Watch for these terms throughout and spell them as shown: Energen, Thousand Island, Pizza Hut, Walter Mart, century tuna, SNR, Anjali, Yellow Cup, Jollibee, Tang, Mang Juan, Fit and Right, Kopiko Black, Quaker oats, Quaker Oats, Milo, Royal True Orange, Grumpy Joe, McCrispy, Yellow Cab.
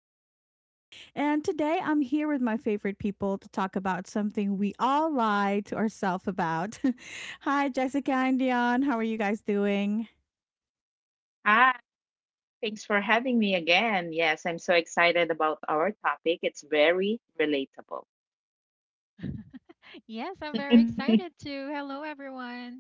I'm Nika, and today I'm here with my favorite people to talk about something we all lie to ourselves about. Hi, Jessica and Dion. How are you guys doing? Ah, Thanks for having me again. Yes, I'm so excited about our topic. It's very relatable. Yes, I'm very excited too. Hello, everyone.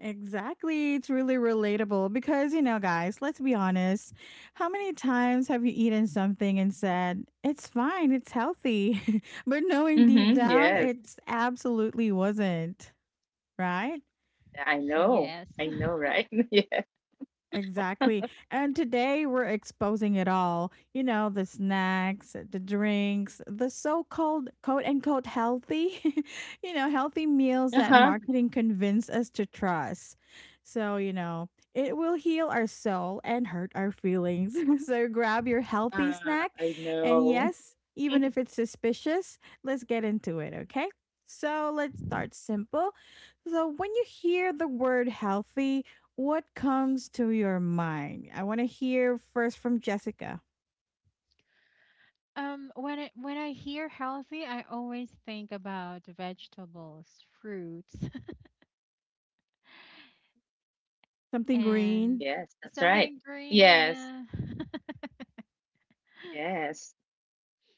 Exactly. It's really relatable because, guys, let's be honest. How many times have you eaten something and said, it's fine, it's healthy, but knowing deep down, Yes, it's absolutely wasn't, right? I know. Yes. I know, right? Yeah. Exactly. And today we're exposing it all. The snacks, the drinks, the so called quote unquote healthy, healthy meals Uh-huh. that marketing convinced us to trust. So, it will heal our soul and hurt our feelings. So grab your healthy snack. I And know. yes, even if it's suspicious, let's get into it, okay? So let's start simple. So when you hear the word healthy, what comes to your mind? I want to hear first from Jessica. When I hear healthy, I always think about vegetables, fruits, Something and green. Yes, that's right. something green. Yes, Yeah, yes,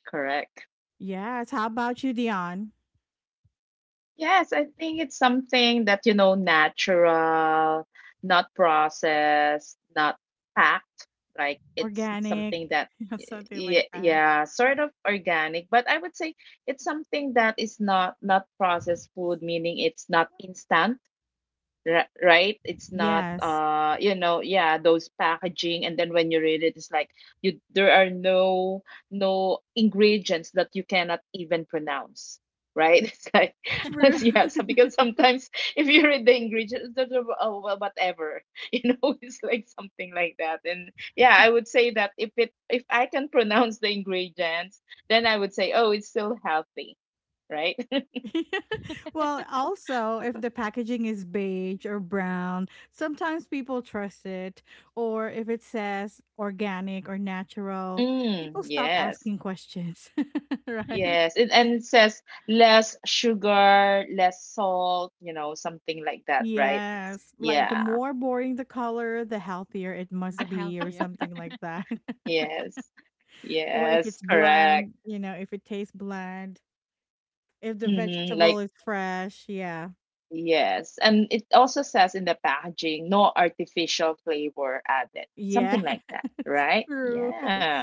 correct. Yes. How about you, Dion? Yes, I think it's something that, you know, natural, not processed, not packed. Like it's Organic. something that, something like yeah, that. yeah, sort of organic, but I would say it's something that is not processed food, meaning it's not instant. Right, it's not Yes. You know, yeah, those packaging, and then when you read it, it's like you there are no ingredients that you cannot even pronounce, right. It's like True. yeah, so because sometimes if you read the ingredients there's oh, well, whatever. You know, it's like something like that. And yeah, I would say that if it, if I can pronounce the ingredients, then I would say oh it's still healthy, right. Well, also, if the packaging is beige or brown, sometimes people trust it. Or if it says organic or natural, people stop yes. asking questions, right? Yes, and it says less sugar, less salt, you know, something like that, right? Yes, like the Yeah, more boring the color, the healthier it the must be, or healthier. something like that. yes, Or if yes, it's correct. bland, if it tastes bland, if the Mm-hmm, vegetable like, is fresh, yeah. yes. And it also says in the packaging, no artificial flavor added, Yeah, something like that, it's right? true. Yeah.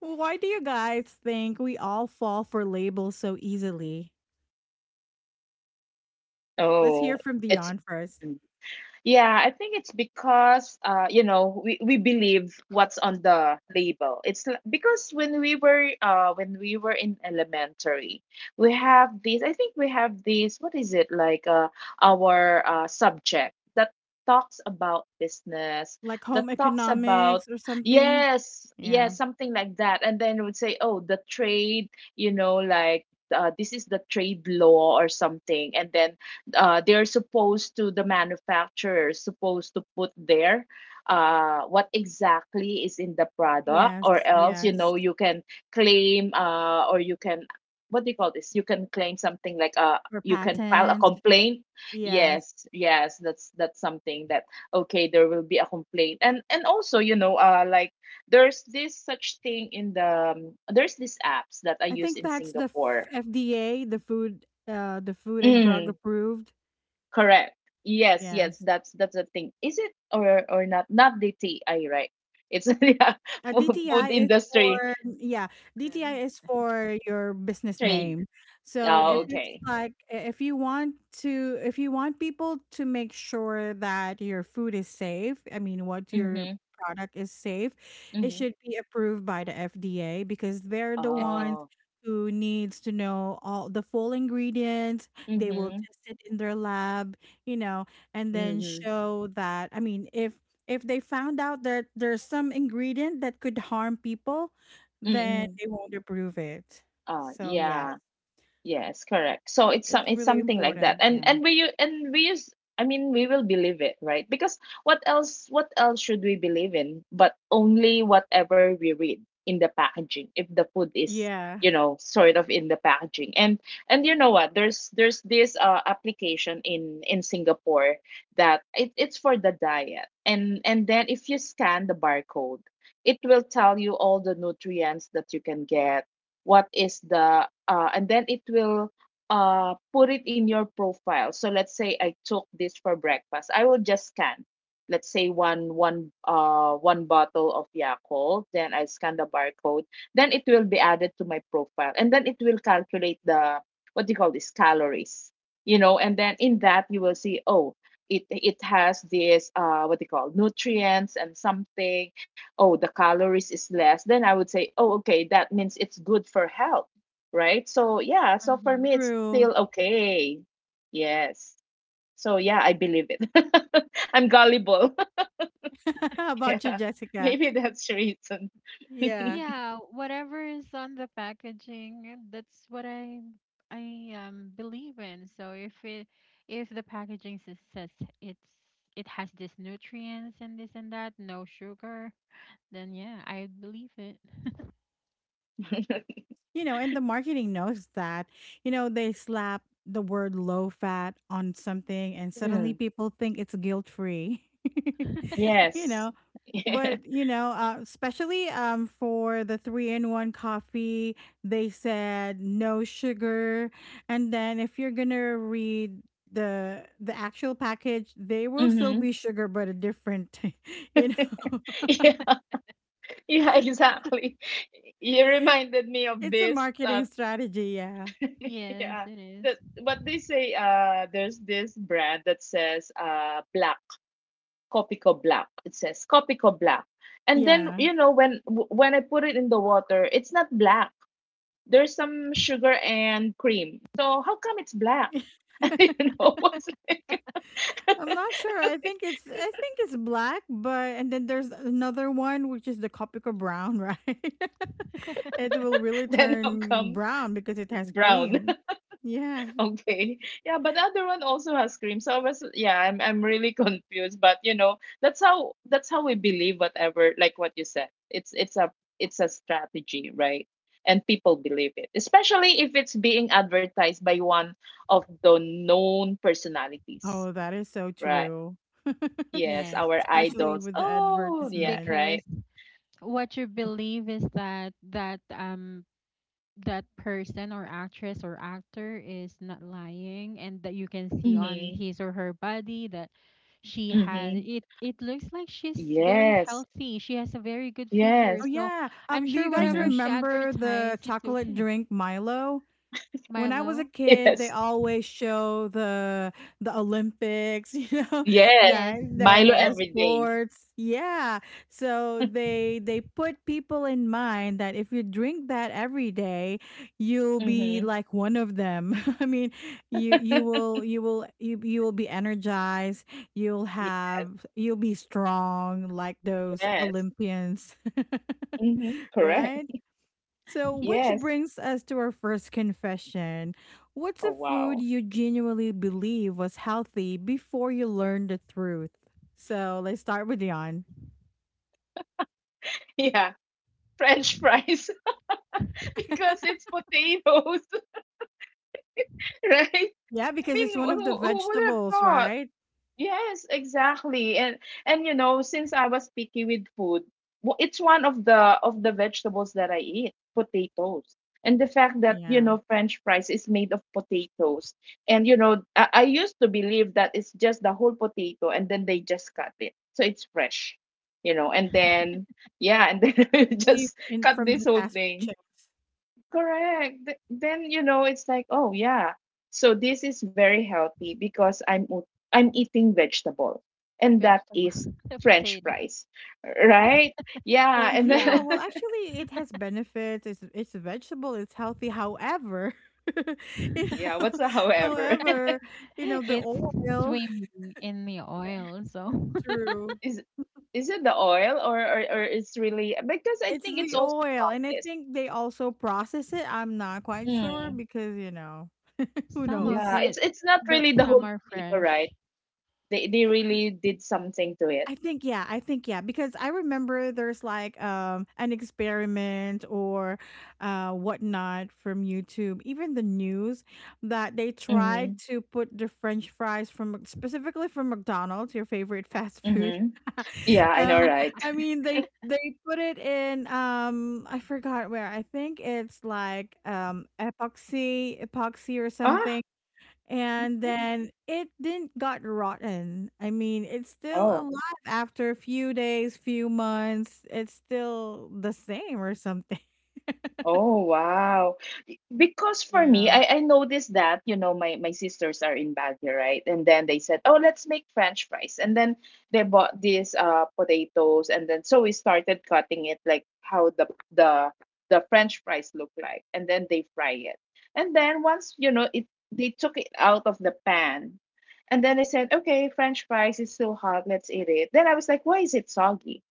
Why do you guys think we all fall for labels so easily? Let's Oh, hear from it's, Dion first. mm. Yeah, I think it's because you know, we believe what's on the label. Because when we were in elementary, we have this, what is it, like our subject that talks about business, Like that home talks about economics or something. yes, Yeah. yes, something like that. And then we would say, "Oh, the trade, you know, like this is the trade law or something." And then they're supposed to, the manufacturer is supposed to put there what exactly is in the product, or Yes, else, you yes. know, you can claim, or you can, what do you call this, you can claim something like, Or you can file a patent. complaint. Yes. Yes, yes, that's something that, okay, there will be a complaint. And also, you know, like there's this such thing in the there's these apps that I I use think in that's the f Singapore. FDA, the Food and Drug Mm. approved. Correct. Yes, yes, Yes. That's the thing. Is it, or not? Not DTI, right? It's yeah, Uh, food, DTI food is industry, for Yeah, DTI Then- is for your business trade. name. So Oh, if Yes. it's okay. like I- if you want people to make sure that your food is safe, I mean what your Mm-hmm. product is safe, it Mm-hmm. should be approved by the FDA because they're the FD. ones Oh. who needs to know all the full ingredients. They will Mm-hmm. test it in their lab, you know, and then Mm-hmm. show that I mean if they found out that there's some ingredient that could harm people, then Mm-hmm. they won't approve it. So, yes, Yeah. Yes, correct. So it's some, it's it's really something like that. important. Yeah. And we use, I mean, we will believe it, right? Because what else, what else should we believe in but only whatever we read in the packaging if the food is, Yeah. you know, sort of in the packaging. And you know what, there's this application in Singapore, it's for the diet. And then if you scan the barcode, it will tell you all the nutrients that you can get. What is the, and then it will, put it in your profile. So let's say I took this for breakfast, I will just scan, let's say one bottle of Yakult, then I scan the barcode, then it will be added to my profile, and then it will calculate the, what do you call this, calories, you know. And then in that you will see, oh, it has this, what do you call, nutrients and something. Oh, the calories is less, then I would say oh okay, that means it's good for health, right. So yeah, so for me it's True. still okay. Yes, so yeah, I believe it. I'm gullible. How about you, Yeah, Jessica? maybe that's the reason. Yeah. Yeah, whatever is on the packaging, that's what I believe in. So if the packaging says it's it has this nutrients and this and that, no sugar, then yeah, I believe it. And the marketing knows that. They slap the word low fat on something and suddenly Mm, people think it's guilt free. you yes, know, yeah. But, especially for the 3-in-1 coffee, they said no sugar. And then if you're gonna read the actual package, they will still hmm be sugar, but a different, you know, yeah, yeah, exactly. You reminded me of it's a this, marketing strategy. Yeah, Yes, yeah, it is. that what they say, there's this brand that says, black. Kopiko Black. It says Kopiko Black. And then, yeah. you know, when I put it in the water, it's not black. There's some sugar and cream. So how come it's black? You know, what's like I'm not sure. I think it's black, but and then there's another one which is the Copica brown, right? it will really then how turn come brown because it has brown? cream. Yeah. Okay. Yeah, but the other one also has cream. So I was, yeah, I'm really confused. But you know, that's how we believe whatever, like what you said. It's a, it's a strategy, right? And people believe it. Especially if it's being advertised by one of the known personalities. Oh, that is so Right. true. Yes, Yes, our Especially idols. with the Oh yeah, advertisement. because right. what you believe is that that person or actress or actor is not lying, and that you can see on Mm-hmm. his or her body that she has Mm-hmm. it. It looks like she's very Yes. healthy, she has a very good figure, Oh Yes. so yeah. I'm Do sure you guys whatever Mm-hmm. she remember the advertised, it's chocolate okay. drink Milo? When I was a Milo. kid, they Yes. always show the Olympics, Yes. Yes, that that Milo yes. uh, every day. sports. Yeah. So they put people in mind that if you drink that every day, you'll be Mm-hmm. like one of them. I mean, you will be energized. You'll Y have you'll be strong like those Yes. Olympians. Mhm. Correct. right? So, which Yes. brings us to our first confession. What's a Oh, food wow. you genuinely believe was healthy before you learned the truth? So, let's start with Dion. Yeah. French fries, because it's potatoes, right? Yeah, I because mean, it's one of the who would have vegetables, thought? right? Yes, exactly. And you know, since I was picky with food, it's one of the vegetables that I eat, potatoes. And the fact that, you Yeah, know, French fries is made of potatoes. And you know, I used to believe that it's just the whole potato and then they just cut it. So it's fresh, you know, and then yeah, and then especially just in cut from this the whole fast food thing. chains. Correct. Then you know it's like, oh yeah. So this is very healthy because I'm eating vegetable, and that Vegetable. is The French potato. fries, right? Well, Yeah, and yeah, then Yeah, well, actually, it has benefits. It's a vegetable. It's healthy. However, you yeah. know, What's the however? however, you know the it's oil. swimming in the Yeah, oil, so true. is is it the oil or it's really, because I It's think it's the also oil, and I processed. think they also process it, I'm not quite sure Mm. because, who some of Yeah, knows? It, it's not but really the whole some are potato, right? fresh. They really did something to it. I think, yeah, because I remember there's like an experiment or whatnot from YouTube, even the news that they tried Mm-hmm. to put the French fries from specifically from McDonald's, your favorite fast food. Mm-hmm. Yeah, I know, um, right? I mean they put it in I forgot where. I think it's like epoxy or Ah. something and Mm-hmm. then it didn't got rotten. I mean, it's still Oh. alive after a few days, few months. It's still the same or something. Oh wow. Because for me, Yeah. I noticed that, you know, my sisters are in Baguio, right? And then they said, "Oh, let's make French fries." And then they bought these potatoes, and then so we started cutting it like how the the French fries look like. And then they fry it. And then once, you know, it they took it out of the pan. And then they said, "Okay, French fries is still hot, let's eat it." Then I was like, "Why is it soggy?"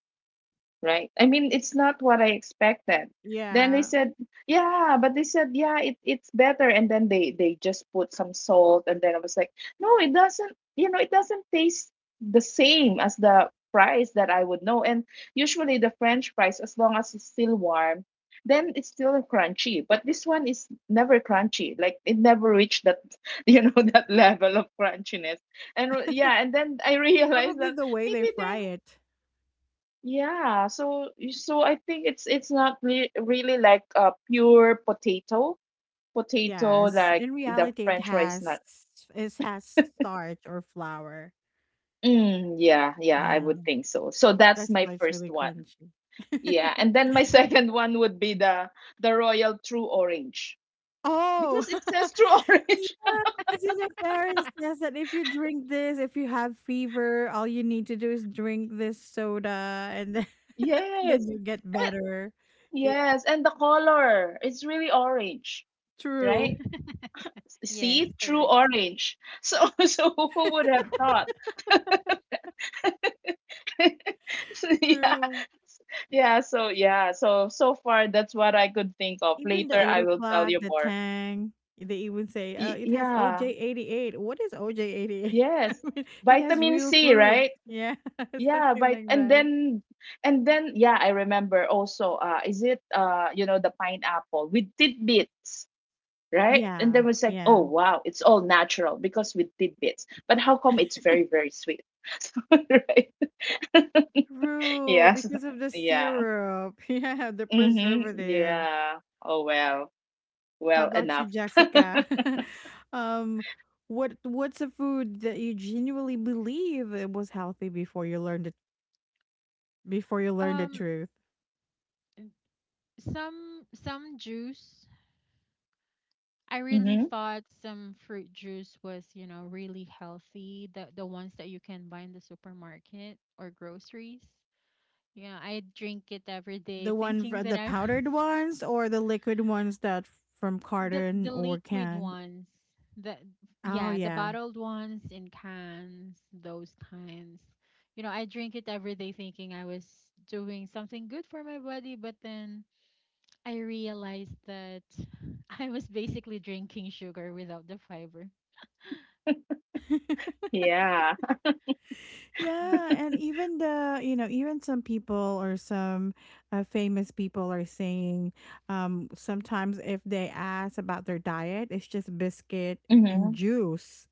Right? I mean, it's not what I expected. Then they Yeah. said, yeah, but they said, yeah, it's better. And then they just put some salt, and then I was like, no, it doesn't. You know, it doesn't taste the same as the fries that I would know. And usually the French fries, as long as it's still warm, then it's still crunchy. But this one is never crunchy. Like it never reached that, you know, that level of crunchiness. And yeah, and then I realized Probably that the way they maybe fry there it. yeah, so so I think it's not re really like a pure potato, potato Yes. like In the reality, it French fries not. has it has starch or flour. Mm, yeah, yeah, I Yeah. would think so. So that's That's my why it's first really one. crunchy. Yeah, and then my second one would be the Royal True Orange Oh, because it says True Orange. Yeah, because parents says that if you drink this, if you have fever, all you need to do is drink this soda, and then Yes, then you get eh, better. Yeah, yes, and the color is really orange, right? true, Yes, See, True correct. Orange. So so who would have thought? Yeah, true. yeah, so yeah, so so far that's what I could think of. Even the Later Eight I will tell O'Clock, you the more. Tang, they even say, it has Yeah, OJ 88." What is OJ 88? I yes, mean, it has vitamin real C, fruit. right. Yeah, Yeah, something but like and that. then, and then yeah, I remember also, is it, you know, the pineapple with tidbits, right. And then Yeah, was like, oh yeah. wow, it's all natural because with tidbits, but how come it's very very sweet. So, right. True, Yes, because of the yeah. syrup. Yeah, the Mm-hmm, preservative. yeah. Oh well, How well about you, enough. Jessica? um, what's a food that you genuinely believe it was healthy before you learned the Um, truth? some juice. I really hmm thought some fruit juice was really healthy. The ones that you can buy in the supermarket or groceries. Yeah, I drink it every day, thinking that The I was. powdered ones or the liquid ones from the carton the or liquid can? ones. The Oh Yeah, the yeah, bottled ones in cans, those kinds. You know, I drink it every day, thinking I was doing something good for my body, but then I realized that I was basically drinking sugar without the fiber. Yeah. Yeah. yeah, and even the you know even some people or some famous people are saying sometimes if they ask about their diet, it's just biscuit and hmm juice.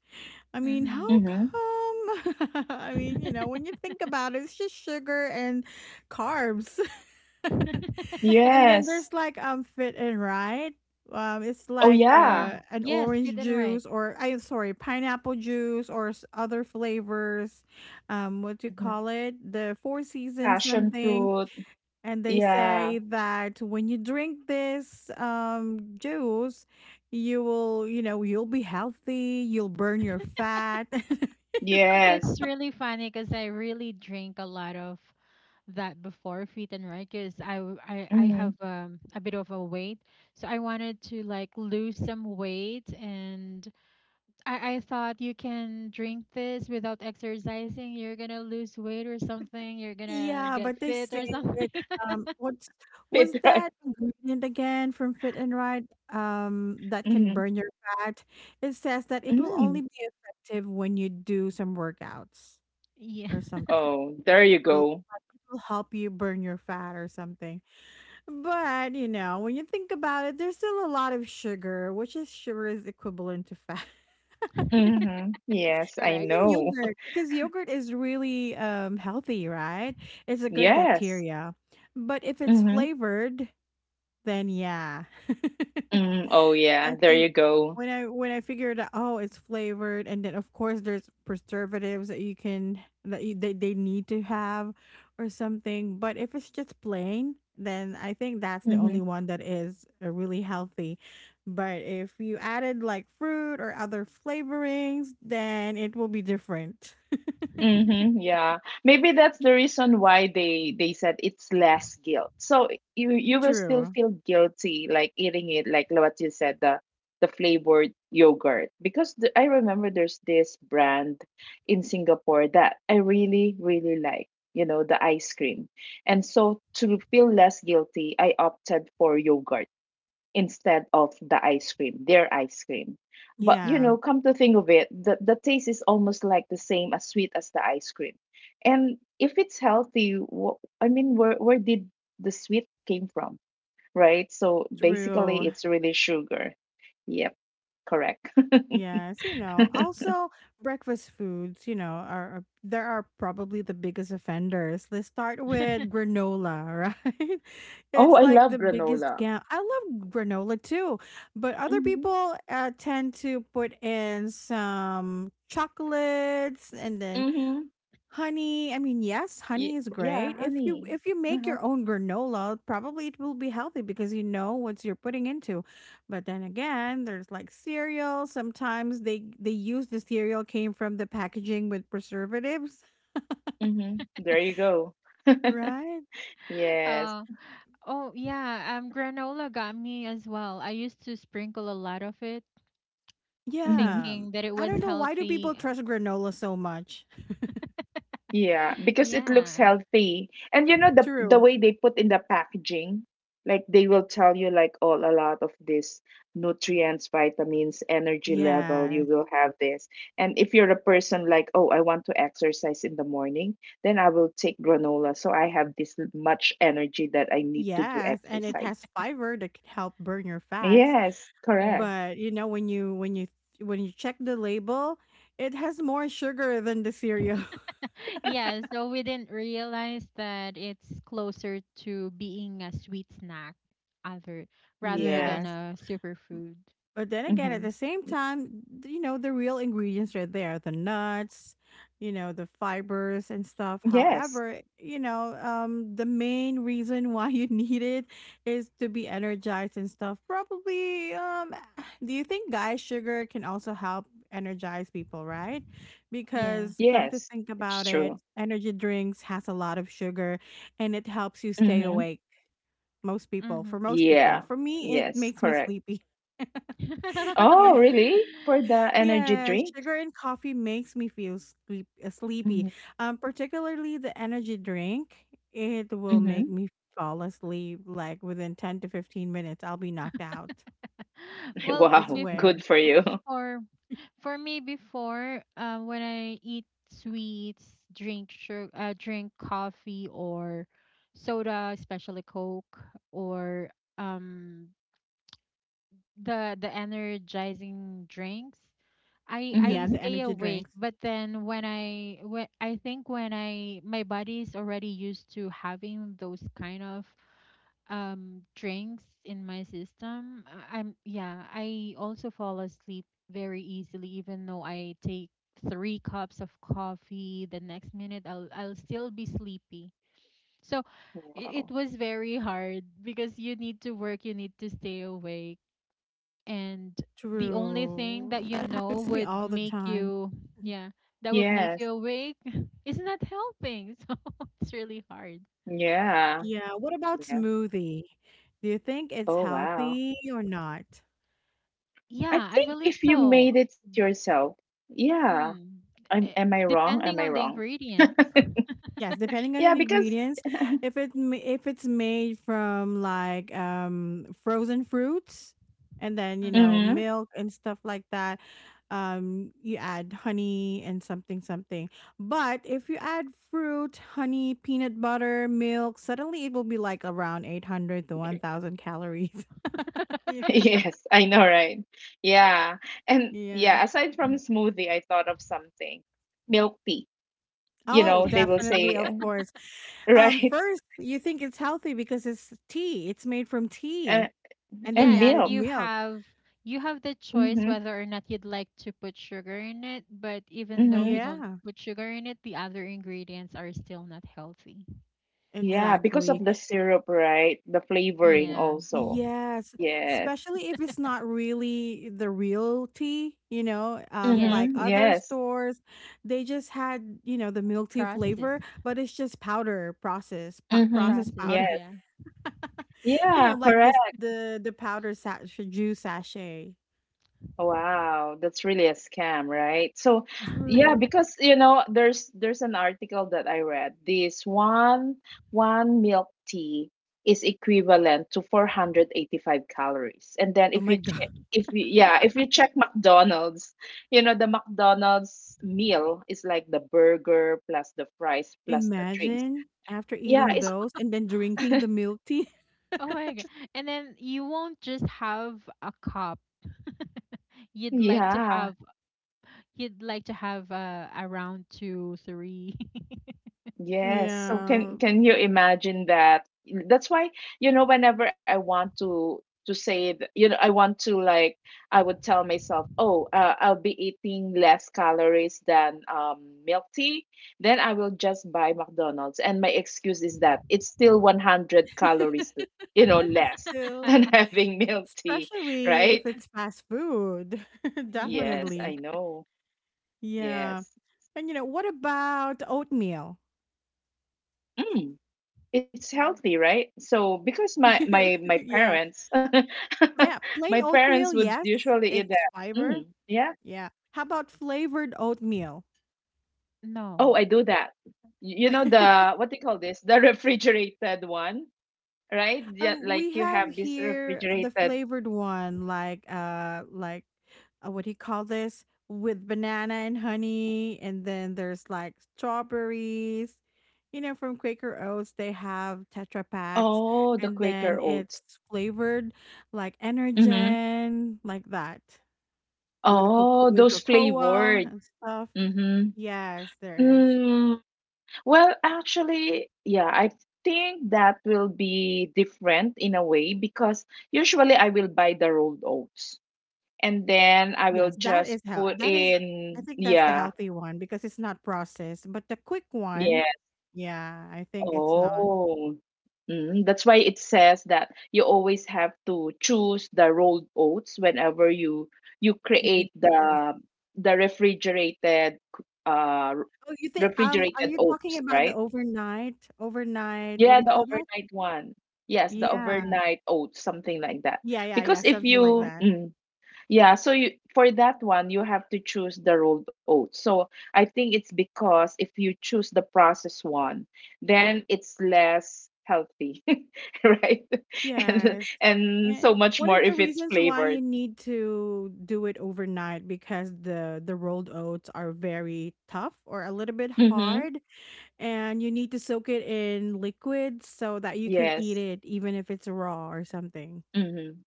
I mean, how Mm-hmm. hmm come? I mean, when you think about it, it's just sugar and carbs. And then Yes. there's like fit and right. It's Oh like yeah. Mm, an yes, orange fit and right. juice or I'm sorry, pineapple juice or other flavors. What do you hmm call it? The four seasons Passion something. fruit. And they Yeah. say that when you drink this juice, you'll be healthy. You'll burn your fat. Yes. It's really funny because I really drink a lot of that before fit and right, because I, w- I hmm have a bit of a weight, so I wanted to like lose some weight, and I thought you can drink this without exercising, you're gonna lose weight or something, you're gonna Yeah, get but they fit say or something. it, what's was Fit right. that ingredient again from Fit and Right, that can hmm burn your fat? It says that it will hmm only be effective when you do some workouts Yeah. or something, Oh, there you or like go. it will help you burn your fat or something. But, when you think about it, there's still a lot of sugar, which is sugar is equivalent to fat. Yes, And I Correct. even know. yogurt, because yogurt is really healthy, right? It's a good Yes. bacteria. But if it's hmm flavored, then yeah. Oh yeah, I there think you go. when I figured out, oh, it's flavored, and then of course there's preservatives that you can that you, they need to have or something. But if it's just plain, then I think that's the hmm only one that is really healthy. But if you added like fruit or other flavorings, then it will be different. Mm-hmm, yeah. Maybe that's the reason why they said it's less guilt. So you will still True. feel guilty, like eating it, like what you said, the flavored yogurt. Because I remember there's this brand in Singapore that I really really like, you know, the ice cream. And so to feel less guilty, I opted for yogurt instead of the ice cream, their ice cream. But you Yeah. know, come to think of it, the taste is almost like the same as sweet as the ice cream. And if it's healthy, I mean, where did the sweet came from, right? So True. basically, it's really sugar. Yep, correct. Yes. Also, breakfast foods, there are probably the biggest offenders. Let's start with granola, right? Oh, It's I like love the biggest granola. scam. I love granola too, but other Mm-hmm. people tend to put in some chocolates and then Mm-hmm. honey, I mean, yes, honey is Yeah, great. If you honey. if you make Uh-huh. your own granola, probably it will be healthy because you know what you're putting into. But then again, there's like cereal. Sometimes they use the cereal came from the packaging with preservatives, Mm-hmm. There you go. right? Yes. uh, oh yeah, granola got me as well. I used to sprinkle a lot of it, Mm-hmm. Yeah. thinking that it I was don't know why do people healthy. Trust granola so much. Yeah, because it looks Yeah, healthy. And you know the True. way they put in the packaging, like they will tell you like all a lot of this, nutrients, vitamins, energy level, you Yes. will have this. And if you're a person like, "Oh, I want to exercise in the morning, then I will take granola so I have this much energy that I need to do Yes, and it has exercise." fiber that can help burn your fats. Yes, yeah, correct. But, when you check the label, it has more sugar than the cereal. yeah. So we didn't realize that it's closer to being a sweet snack, other rather than Yes. Yes. a superfood. But then again, at Mhm. the same time, the real ingredients are there the nuts, the fibers and Yes. stuff. However, the main reason why you need it is to be energized and stuff. Probably, do you think guy sugar can also help energize people, right? Yeah. Because Yes. come to It's think about true. it, energy drinks has a lot of sugar and it helps you stay Mhm. awake. Most people, Mm-hmm. for most Yeah. people, for me, it Yes, makes me correct. sleepy. Oh, Yeah. really? For the energy Yeah, drink? sugar and coffee makes me feel sleepy. Mm-hmm. Particularly the energy drink, it will make Mm-hmm. me fall asleep like within 10 to 15 minutes. I'll be knocked out. Well, I Wow, good swear. for you. before for me, before, when I eat sweets, drink sugar, drink coffee or soda, especially Coke, or um, the energizing drinks, I Mm-hmm. I Yeah, the stay energy awake. drinks. But then when I think when I my body is already used to having those kind of drinks in my system, I- I'm yeah, I also fall asleep very easily, even though I take three cups of coffee, the next minute I'll still be sleepy, so Wow. it was very hard because you need to work, you need to stay awake, and the only thing True. that That happens to me would all the make time. Yeah that would make Yes. you awake is not helping. So it's really hard, Yeah. Yeah. What about Yeah. smoothie? Do you think it's Oh, wow. healthy or not? I yeah. I think believe if you so. made it yourself, yeah. Mm. Eh, am I wrong? Am Depending I on the wrong? ingredients, Yes, depending on the Yeah, because ingredients. If it's made from like frozen fruits and then, mm, mm-hmm. milk and stuff like that, you add honey and something something. But if you add fruit, honey, peanut butter, milk, suddenly it will be like around 800 to 1,000 calories. You Yes, I know, right? Yeah. And Yeah. yeah, aside from mm, smoothie, I thought of something. Milk tea. You milk Oh, know, they tea. will definitely, say, of course. Right? First, you think it's healthy because it's tea. It's made from Uh, tea. And then Yeah, you and and added you milk. milk. have you have the choice Mm-hmm. whether or not you'd like to put sugar in it, but even though you Mm-hmm. don't Yeah, put sugar in it, the other ingredients are still not healthy. Yeah, because exactly. of the syrup, right? The flavoring Yeah. also. Yes. Yes. Especially if it's not really the real tea, you know, Yes. like Mm-hmm. other Yes. stores, they just had, you know, the milk tea flavor, Processed. but it's just powder process, Mm-hmm. processed Processed, powder. Yes. yeah. You know, Yeah, like this correct. the powder juice sachet. Wow, that's really a scam, right? So, yeah, True. because there's an article that I read. This one milk tea is equivalent to 485 calories. And then Oh if my you god. check if you yeah, if you check McDonald's, the McDonald's meal is like the burger plus the fries plus the drinks. Imagine after Yeah, eating it's those and then drinking the milk tea. Oh my God. And then you won't just have a cup. You'd like to yeah. have you'd like to have around two, three. Yes. So can Yeah. can you imagine that? That's why, whenever I want to say, th- you know, I want to like, I would tell myself, oh, I'll be eating less calories than milk tea. Then I will just buy McDonald's, and my excuse is that it's still 100 calories, less Still, than having milk tea, especially if right? it's fast food. Yeah. Yes, I Definitely. know. Yeah. Yes. And you know, what about oatmeal? Mm. It's healthy, right? So because my Yeah. my my Yeah. parents, Yeah. Plain my oatmeal, parents would yes. usually eat It's that. fiber. Mm, yeah. Yeah. How about flavored oatmeal? Oh, No. I do that. You know the what do you call this? The refrigerated one, right? Yeah, like We you have have this here the refrigerated. flavored one, like what do you call this? With banana and honey, and then there's like strawberries. You know, from Quaker Oats, they have Tetra packs, Oh, the and then Quaker oats. it's flavored like Mm-hmm. Energen, like that, with Oh, with those cocoa flavored. and stuff. Mm-hmm. Yes, there is. Mm. Well, actually, yeah, I think that will be different in a way because usually I will buy the rolled oats and then I will Yes, that just is how put that is I in, think that's the yeah, healthy one because it's not processed. But the quick yeah. one, yeah, I think it's not. Oh, mm, that's why it says that you always have to choose the rolled oats whenever you Yes. create the the refrigerated uh Oh, you think are refrigerated you talking oats, about the right? overnight, what do Yeah, you the call that? overnight one. Yes, the Yeah. overnight oats, something like that. Yeah, yeah, yeah, Because if something like you, that. Yeah, so you for that one you have to choose the rolled oats. So I think it's because if you choose the processed one, then it's less healthy, right? And Yes. and so And much one more of the if it's reasons why you flavored. need to do it overnight because the rolled oats are very tough or a little bit Mm-hmm. hard, and you need to soak it in liquid so that you can eat Yes. it even if it's raw or something. Mm-hmm.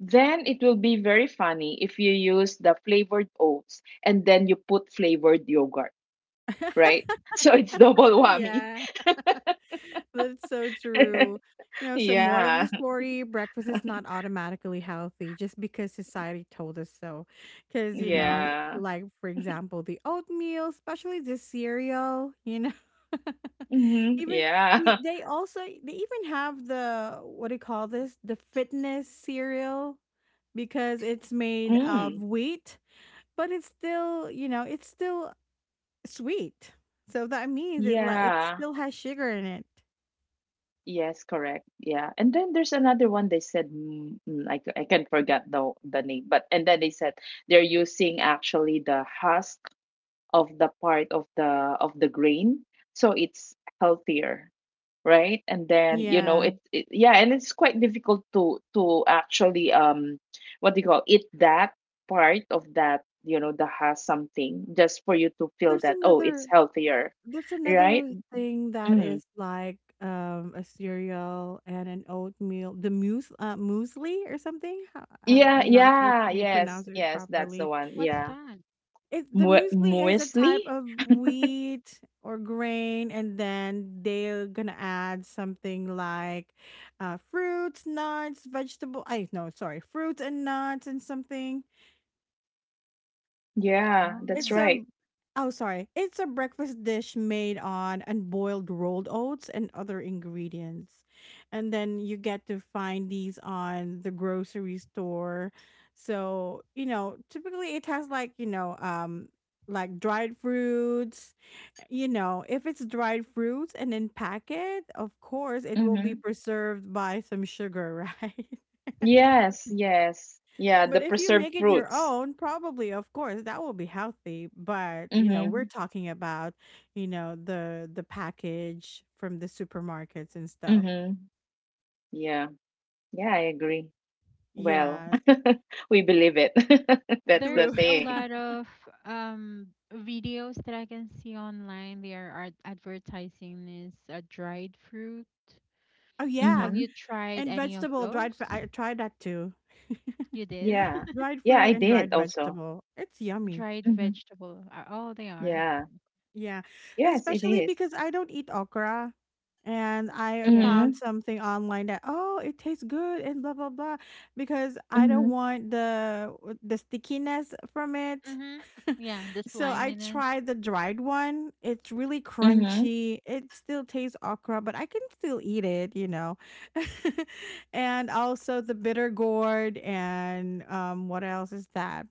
Then it will be very funny if you use the flavored oats and then you put flavored yogurt, right? So it's double whammy. Yeah, that's so true. You know, so more of Yeah. the story, breakfast is not automatically healthy just because society told us so. Because, you know, Yeah. like for example, the oatmeal, especially the cereal, you know. Even Yeah. we they also they even have the, what do you call this? The fitness cereal because it's made of Mm. wheat. But it's still, you know, it's still sweet. So that means it like it Yeah. still has sugar in it. Yes, correct. Yeah. And then there's another one they said I can't forget the name, but and then they said they're using actually the husk of the part of the grain, so it's healthier. Right, and then Yeah. it, it yeah, and it's quite difficult to actually what do you call it that part of that you know that has something just for you to feel There's that oh it's another healthier, there's right. another thing that Mm. is like a cereal and an oatmeal, the mousse muesli or something. How do you, Yeah, I'm not sure if yeah, you yes, pronounce it yes, that's the properly. one, What's yeah. that? It the muesli is a Muesli, type of wheat or grain, and then they're gonna add something like fruits, nuts, vegetable. I no, sorry, fruits and nuts and something. yeah, that's It's Oh. a right. oh sorry, it's a breakfast dish made on unboiled rolled oats and other ingredients, and then you get to find these on the grocery store. So you know, typically it has like, you know, like dried fruits. You know, if it's dried fruits and in packet, of course it will Mm-hmm. be preserved by some sugar, right? Yes, yes, yeah, the But if you preserved make it your fruits. own, probably, of course, that will be healthy. But you know, Mm-hmm. we're talking about, you know, the package from the supermarkets and stuff. Mm-hmm. Yeah, yeah, I agree. Well, Yes, we believe it. That's the true. There's a thing. lot of um videos that I can see online. They are advertising this dried fruit. Oh yeah, Have Mm-hmm. you tried and any of vegetable those? I tried that too. You did? Yeah. Dried Yeah, fruit I and did dried also. vegetable. It's yummy. Dried Mm-hmm. vegetable. Oh, they are. Yeah. Yeah, Yes, it especially is. because I don't eat okra. And I Yeah. found Mm-hmm. something online that, oh, it tastes good and blah blah blah because I don't Mm-hmm. want the stickiness from it. Mhm. Yeah, the So I sliminess. tried the dried one. It's really Mm-hmm. crunchy. It still tastes okra, but I can still eat it, you know. And also the bitter gourd, and what else is that?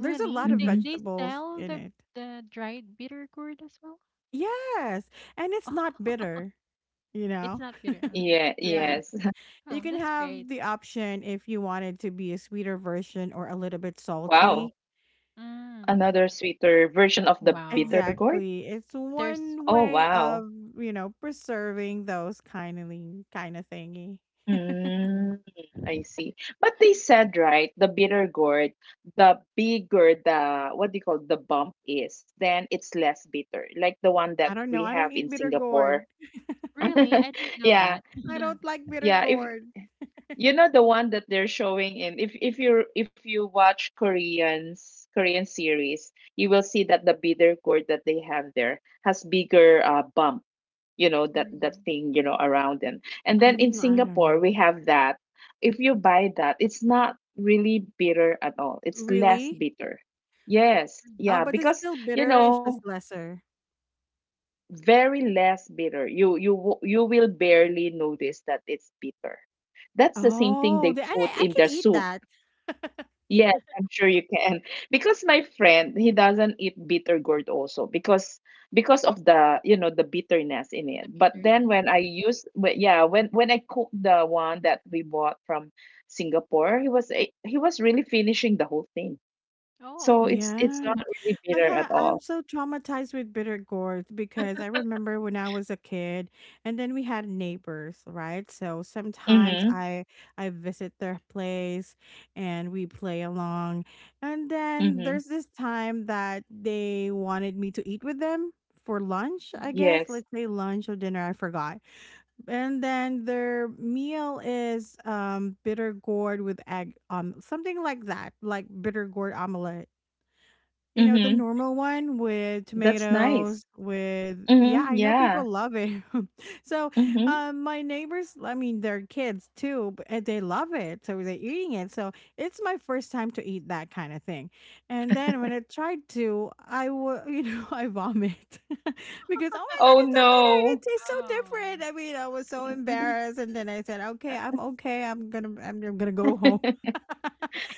There's a lot of They Mm-hmm. they vegetables sell in the it. the dried bitter gourd as well? Yes, and it's Oh, not bitter, you it's know? not bitter. Yeah, Yes. yes. You Oh, can that's have great. the option if you wanted to be a sweeter version or a little bit Wow. salty. Mm. Another sweeter version of the bitter Wow. gourd? Exactly. It's There's one Oh, way wow. of, you know, preserving those kindly kind of thingy. mm, Mm, I see. But they said, right, the bitter gourd, the bigger the, what do you call, the bump is, then it's less bitter. Like the one that I don't know. we I have don't in eat bitter gourd. Singapore. Really, I didn't know Yeah, that. I don't like bitter yeah. If gourd. you know the one that they're showing in, if you watch Korean series, you will see that the bitter gourd that they have there has bigger bump, that Really, thing, around it. And then in Mm, I don't know. Singapore, we have that. If you buy that, it's not really bitter at all. It's less Really? bitter. Yes, really, Oh, yeah, but it's because still you bitter. It's know, just lesser. very less bitter. You will barely notice that it's bitter. That's the same thing Oh, they the, and put I in can the eat soup. that. Yes, I'm sure you can. Because my friend, he doesn't eat bitter gourd also because of the you know the bitterness in it. the But then bitterness. when I use but yeah when I cooked the one that we bought from Singapore, he was really finishing the whole thing. Oh. So it's Yeah. not really bitter at I'm all. so traumatized with bitter gourd because I remember when I was a kid, and then we had neighbors, right? So Mhm. sometimes I visit their place, and we play along, and then Mhm. there's this time that they wanted me to eat with them for lunch, I hmm guess. Yes. Let's say lunch or dinner, I forgot. And then their meal is bitter gourd with egg, something like that, like bitter gourd omelet. You know, the Mm-hmm. normal one with That's nice. tomatoes, with, yeah, Mhm, I know people yeah. love it. So, Mhm. My neighbors, I mean, their kids too, but and they love it, so they're eating it. So it's my first time to eat that kind of thing. And then when I tried to, I would, you know, I vomit because, oh my god, Oh, it's so bitter and it no. tastes so oh. different. I mean, I was so embarrassed, and then I said, okay, I'm okay. I'm gonna go home.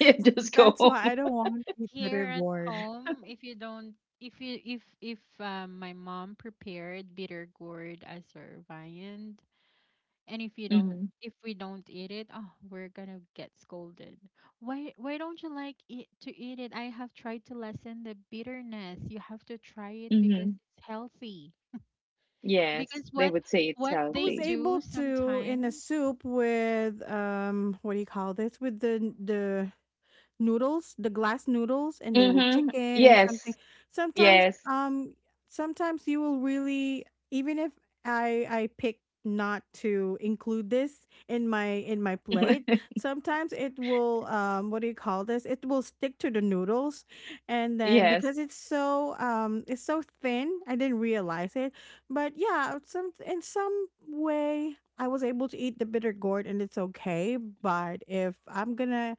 Yeah, just go That's why I home. don't want to eat Here bitter at gourd. home, if you don't, if you, if my mom prepared bitter gourd as our viand, and Mhm, if we don't eat it, oh, we're gonna get scolded. Why don't you like it to eat it? I have tried to lessen the bitterness. You have to try it because mhm. it's healthy. Yes, Because they what would say it's what I they was healthy. do able to in a sometimes soup with what do you call this? With the noodles, the glass noodles, and then with Mhm. chicken and something. Yes, Sometimes, yes. Sometimes you will really, even if I pick not to include this in my plate, sometimes it will, what do you call this? It will stick to the noodles, and then Yes. because it's it's so thin, I didn't realize it. But yeah, some in some way, I was able to eat the bitter gourd and it's okay, but if I'm gonna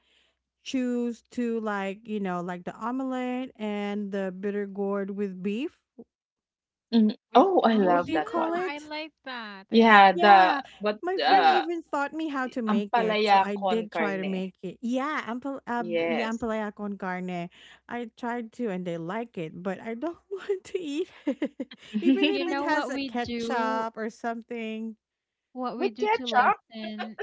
choose to like, you know, like the omelette and the bitter gourd with beef, Mhm. with. Oh, I Oh what love do you yeah, that call one. I it? like that, I like Yeah, that. Yeah, the what, my You friend know, even taught me how to make it, so ampalaya I con did try to carne. make it. Yeah, yeah, Yes. ampalaya con carne. I tried to and they like it, but I don't want to eat it even if you it know has what a we do ketchup or something. what we With do to ketchup? lessen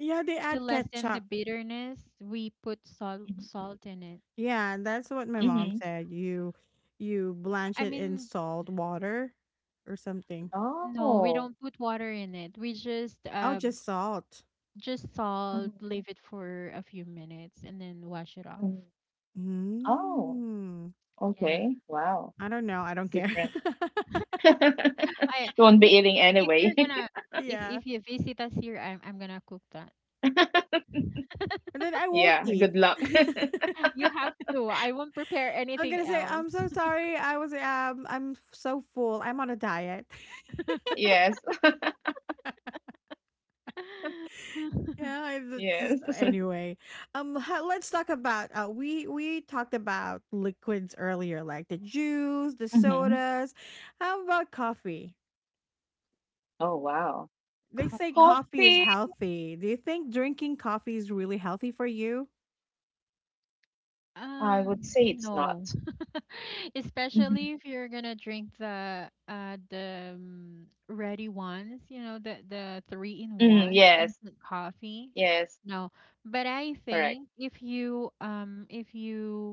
Yeah, they to add lessen the ketchup. bitterness, we put salt Mhm, salt in it. Yeah, that's what my Um, mom mhm. said. You blanch I it in mean, salt water or something. no, we Oh. don't put water in it, we just Oh, just salt. Mhm, salt, leave it for a few minutes and then wash it off. mm. Oh, Mm. Yeah. okay. Wow. I don't know, I It's don't care. different. I You won't be Nikki, eating i- if anyway. you're gonna if Yeah, if you visit us here, I'm gonna cook that. and then I won't Yeah, eat. good luck. You have to. I won't prepare I'm anything gonna say, else. "I'm so sorry, I was, I'm f so full, I'm on a diet." Yes, Yeah, I that's yes. just anyway. Ha Let's talk about, we talked about liquids earlier, like the juice, the Mhm. sodas. How about coffee? Oh, wow. They say Coffee? coffee is Coffee, healthy. Do you think drinking coffee is really healthy for you? I would say it's No. not. Especially Mhm. if you're gonna drink the ready ones, you know, the three in Mm, one, the yes, instant coffee. yes, No, but I correct. think if you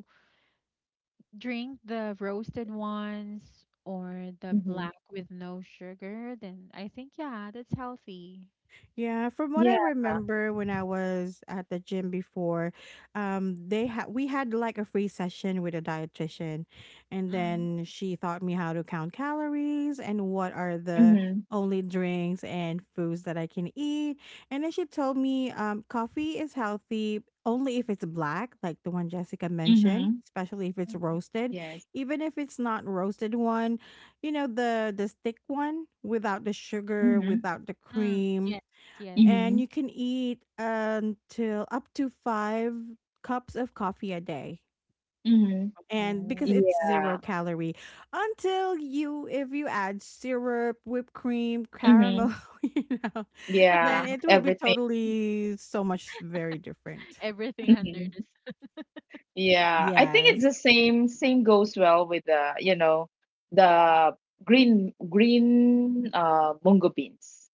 drink the roasted ones or the Mhm. black with no sugar, then I think yeah, that's healthy. Yeah, from what I Yeah. remember when I was at the gym before, they had we had like a free session with a dietitian, and Mm-hmm. then she taught me how to count calories and what are the Mhm, only drinks and foods that I can eat. And then she told me, coffee is healthy only if it's black, like the one Jessica mentioned, mhm. especially if it's roasted. Yes. Even if it's not roasted one, you know the stick one without the sugar, Mhm, without the Mm, cream, yes, yes. and mhm, you can eat until up to five cups of coffee a day, mhm. and because Oh. it's Yeah. zero calorie, until you, if you add syrup, whipped cream, Mhm. caramel you know, then Yeah, it will be everything. totally so much very different. Everything under Mhm. the sun. Yeah, I think it's Yes. the same. Same goes well with the, you know, the green mungo beans,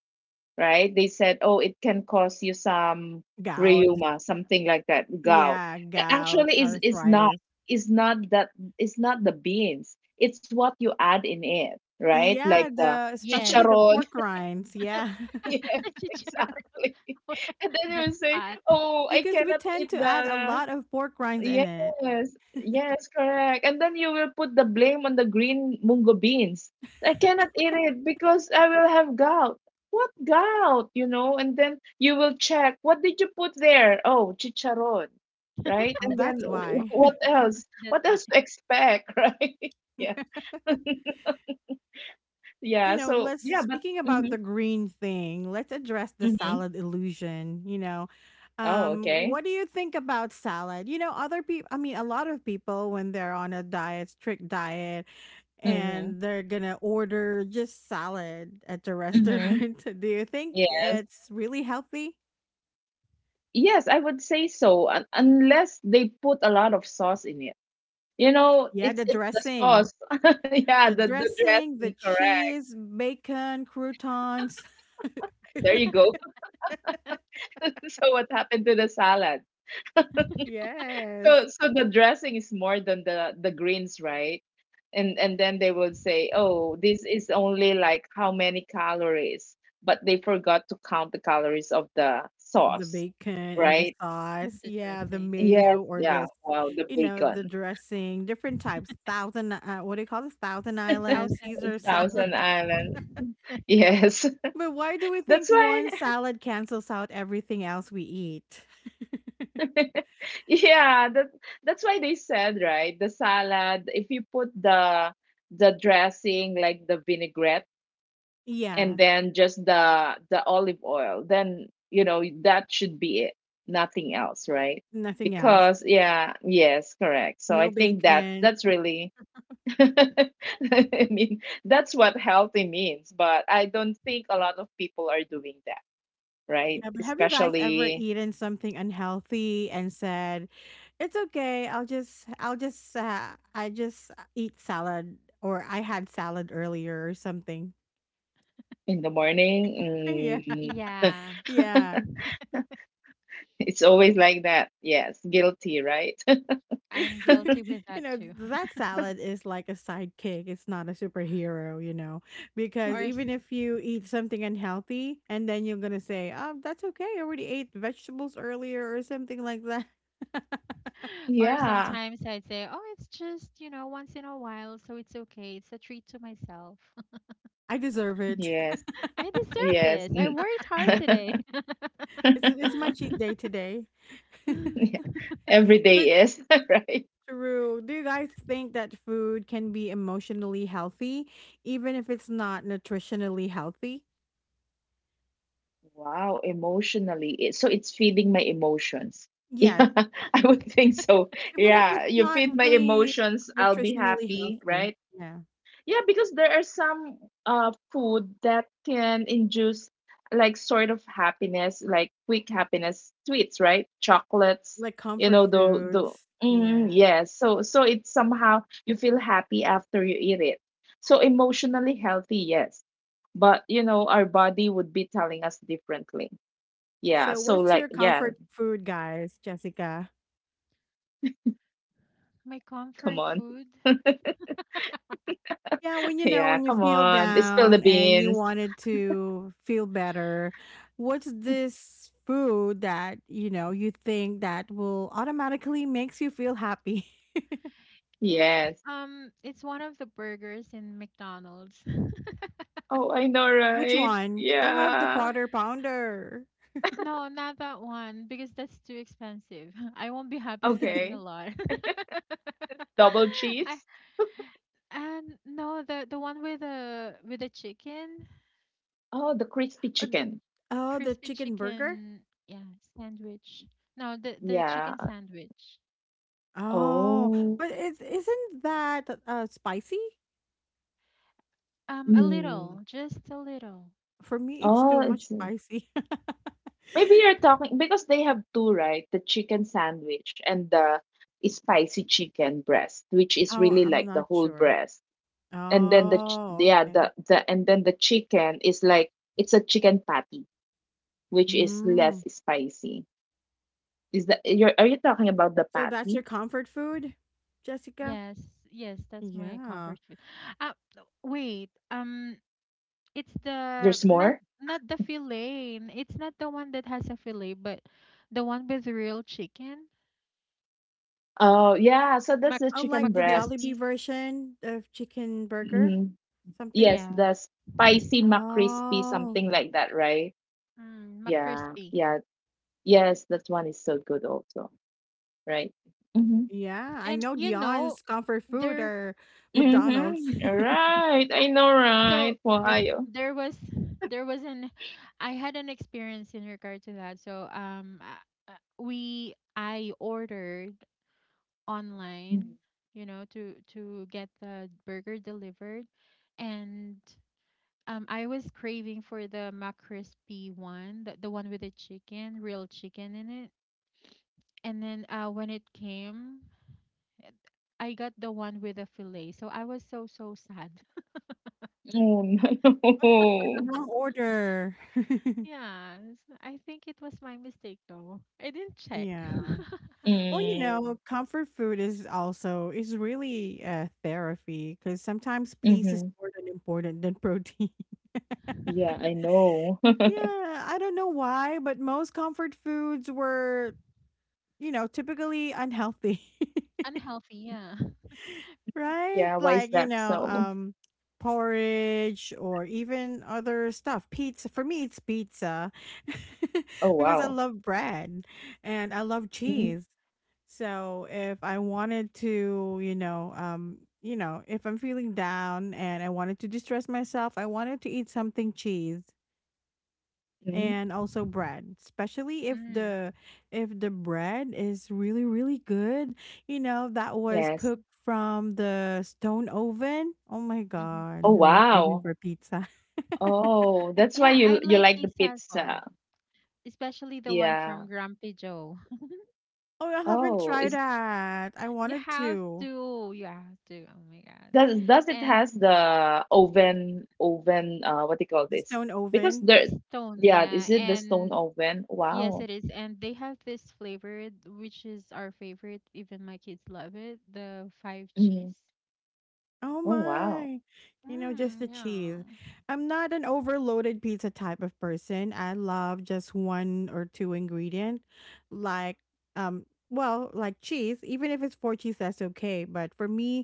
right? They said, oh, it can cause you some Gout. rheuma, something like that, gout. Yeah, A- gout, Actually, is not. arthritis. Is not that. It's not the beans. It's what you add in it, right? Like Yeah, the the Yes. especially the chicharron. pork rinds, yeah. Yes, The chicharron. exactly. And then you The will say, spot, oh, I Because we cannot tend eat to add a the. lot of pork rinds in Yes, it. yes, correct. And then you will put the blame on the green mungo beans. I cannot eat it because I will have gout. What gout? You know, and then you will check what did you put there? Oh, chicharon, right? Oh, And then that's why. what else? that's What why. else to expect, right? Yeah, You yeah. know, So let's yeah, but speaking about mhm, the green thing, let's address the mhm. salad illusion, you know. Oh, okay. What do you think about salad? You know, other people, I mean, a lot of people when they're on a diet, strict diet, Mm-hmm. and they're gonna order just salad at the Mm-hmm. restaurant. Do you think Yes. it's really healthy? Yes, I would say so, un unless they put a lot of sauce in it. You know, Yeah, it's the it's the dressing, sauce. Yeah, the the dressing, dressing, the correct. cheese, bacon, croutons. There you go. So what happened to the salad? So Yes. so the dressing is more than the greens, right? And then they would say, "Oh, this is only like how many calories," but they forgot to count the calories of the The sauce, bacon and the right? sauce. The Yeah, the dressing. Yes, mayo or yeah. this, Wow, the you know, the bacon. dressing, different types. Thousand, what do you call this? Thousand Island, Thousand Caesar salad. Island. Thousand Island. Yes. But why do we That's think why one salad cancels out everything else we eat? yeah, that's why they said, right? The salad, if you put the dressing like the vinaigrette and Yeah, then just the olive oil, then you know that should be it. Nothing else, right? nothing else. Because yeah, yes, correct. So I No think that's bacon. that's really I mean, that's what healthy means, but I don't think a lot of people are doing that, right? Yeah, but have you guys ever Especially eaten something unhealthy and said, "It's okay, I'll just I just eat salad, or I had salad earlier or something." in the morning. Yeah. Mm. Yeah, Yeah. It's always like that. Yes, guilty, right? I'm guilty with You that know, too. that salad is like a sidekick. It's not a superhero, you know, because Or s- even if you eat something unhealthy and then you're going to say, oh, that's okay. I already ate vegetables earlier or something like that. or Yeah. sometimes I'd say, "Oh, it's just, you know, once in a while, so it's okay. It's a treat to myself. I deserve it. Yes. I deserve Yes. this. I worked hard Mm. today." It's my cheat day today. Yeah. Every But day is, right? true. Do you guys think that food can be emotionally healthy, even if it's not nutritionally healthy? Wow, emotionally. So it's feeding my emotions. Yeah, Yes. I would think so. Even if it's Yeah, you not feed my really emotions, I'll be nutritionally happy, healthy. right? Yeah. Yeah, because there are some food that can induce like sort of happiness, like quick happiness, sweets, right? Chocolates, Like you comfort know. the the foods. mm, Yeah. yes. So it's somehow you feel happy after you eat it. So emotionally healthy, yes. But you know, our body would be telling us differently. Yeah. So So what's your like, yeah, comfort food, guys, Jessica? My come comfort on. food, Yeah, when you know, Yeah, when you come feel on. Spill the down and you beans. wanted to feel better, what's this food that, you know, you think that will automatically makes you feel happy? it's Yes. it's one of the burgers in McDonald's. Oh, I know, Which right? one? I love the Yeah. quarter pounder. No, not that one because that's too expensive. I won't be happy spending a Okay. lot. Double I cheese? and No, the one with the chicken, Oh, the crispy Uh, chicken. Oh, the crispy chicken burger? chicken, yeah, sandwich. No, the chicken Yeah. sandwich. Oh, Oh. but it isn't that spicy? A little, Mm. just a little. For me, it's Oh, too much it's spicy. maybe you're talking because they have two, right? The chicken sandwich and the spicy chicken breast, which is Oh, really I'm like the not whole sure. breast. And then Oh, yeah, okay. The and then the chicken is like it's a chicken patty, which is less Mm. spicy. Is that you're are you talking about the So that's patty? your comfort food, Jessica? Yes, yes, that's my Yeah. comfort food. Uh, Wait. It's the There's not more? not the fillet. It's not the one that has a fillet, but the one with real chicken. Oh, yeah, so that's Mc the I chicken like the breast. Jollibee McCrispy. version of chicken burger, Mm-hmm. something? Yes, Yeah, the spicy McCrispy, Oh, something like that, right? mm, Yeah, McCrispy. yeah. Yes, that one is so good also, right? Mm-hmm. yeah. I And know you know, Dion's comfort food there. are McDonald's. Mm-hmm. All right. I know, uh, So right? Yeah. Ohio. there was there was an I had an experience in regard to that. So we I ordered Mhm. online, you know, to get the burger delivered, and I was craving for the McCrispy one, the one with the chicken, real chicken in it. And then when it came, I got the one with the fillet. So I was so, so sad. Oh, It's no. the wrong order. Yeah, I think it was my mistake though. I didn't check. Yeah. Well, you Mm. know, comfort food is also is really therapy because sometimes peace is Mm-hmm. more than important than protein. Yeah, I know. Yeah, I don't know why, but most comfort foods were, you know, typically unhealthy, Unhealthy, yeah. right? Yeah, why is Like, that you know, so? Porridge or even other stuff. Pizza. For me, it's pizza Oh, because I wow. love bread and I love Mm-hmm. cheese. So if I wanted to, you know, if I'm feeling down and I wanted to distress myself, I wanted to eat something cheese and also bread, especially if Mm. the if the bread is really really good. You know that was Yes. cooked from the stone oven. Oh my hmm god, Oh, now I'm craving wow. for pizza. Oh, that's why Yeah, I you like like the pizza as well, pizza. especially the one from Yeah. Grumpy Joe. Oh, I haven't Oh, tried is, that. I You wanted have to. to, you have to. Oh my God. does it And has the oven, what do you call The this? stone Because oven. there stone, Yeah, yeah. is it the stone And. oven? Yes, Wow. it is. And they have this flavor, which is our favorite. Even my kids love it. The five Mhm. cheese. Oh Oh, wow. my. You know, just the Mm, yeah. cheese. I'm not an overloaded pizza type of person. I love just one or two ingredient like um well, like cheese. Even if it's four cheese, that's okay, but for me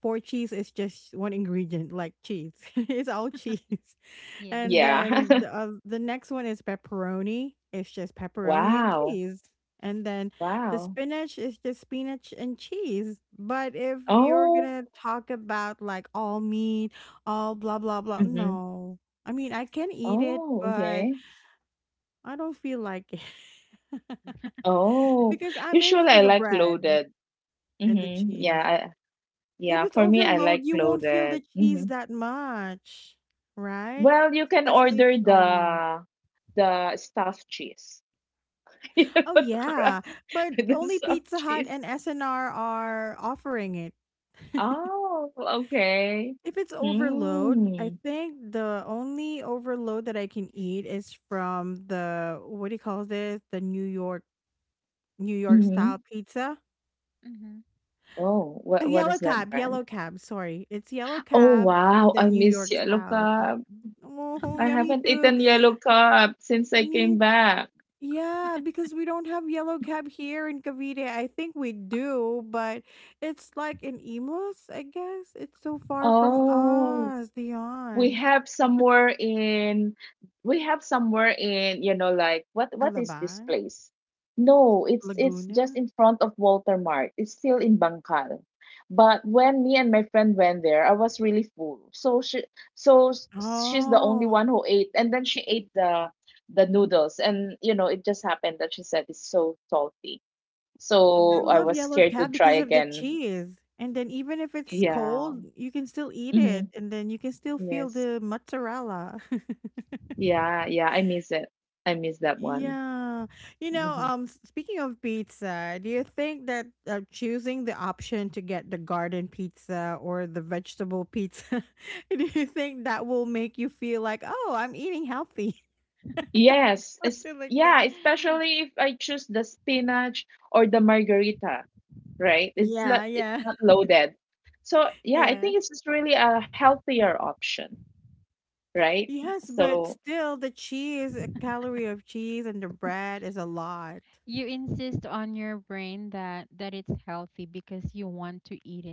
four cheese is just one ingredient like cheese. It's all cheese. Yes. And Yeah. then the uh, the next one is pepperoni. It's just pepperoni and Wow. cheese. And then the Wow. spinach is just spinach and cheese. But if you're Oh. gonna talk about like all meat, all blah blah blah, Mhm. no. I mean, I can eat it, Oh, but okay. I don't feel like it Oh, because I'm in usually for I the like bread loaded. and the Mhm. Yeah, cheese. If yeah, it's for me I overload, like you won't feel the loaded. cheese Mhm. that much, right? Well, you can Especially if order it's all meat. the stuffed cheese. You know, Oh the yeah, crust but with the only stuffed Pizza Hut cheese. and SNR are offering it. Oh, okay. If it's overload, I Mm. think the only overload that I can eat is from the what do you call this? The New York Mhm. style pizza. Mm-hmm. Oh, A what yellow is that cab, brand? yellow cab. Sorry, it's yellow Oh, cab and wow. the I New miss York Yellow style pizza. Cup. Oh, I yeah, me haven't too. eaten Yellow Cup since I came Me back. Yeah, because we don't have yellow cab here in Cavite. I think we do, but it's like in Imus, I guess. It's so far from Oh. us, we Dion. have somewhere in we have somewhere in, like what is this Alabang, place? No, it's just Laguna. in front of Walter Mart. It's still in Bangkal. But when me and my friend went there, I was really full, so so s- she's the only Oh, one who ate, and then she ate the noodles, and it just happened that she said it's so salty, I so I Oh. love was yellow scared to cab try because of the again. cheese. And then even if it's Yeah. cold, you can still eat Hmm. it, and then you can still feel Yes. the mozzarella. Yeah, yeah, I miss it. I miss that one. Yeah. You know, Mhm. Speaking of pizza, do you think that choosing the option to get the garden pizza or the vegetable pizza, do you think that will make you feel like, "Oh, I'm eating healthy?" Something like Yeah, that. especially if I choose the spinach or the margarita, right? It's Yeah, not it's yeah. not loaded. So, yeah, I Yeah. think it's just really a healthier option, right? Yes, but So. still the cheese, a calorie of cheese and the bread is a lot. You insist on your brain that it's healthy because you want to eat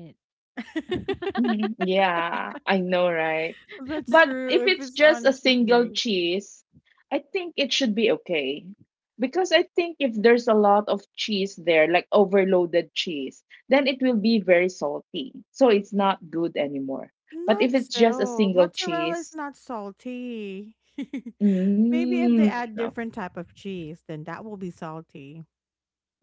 it. Mhm. Yeah, I know, right? That's But if true if it's it's just on a cheat single day. cheese, I think it should be okay. Because I think if there's a lot of cheese there, like overloaded cheese, then it will be very salty. So it's not good anymore. But if Not it's just a so. single Mozzarella is cheese, not salty. Maybe if they add no. different type of cheese, then that will be salty.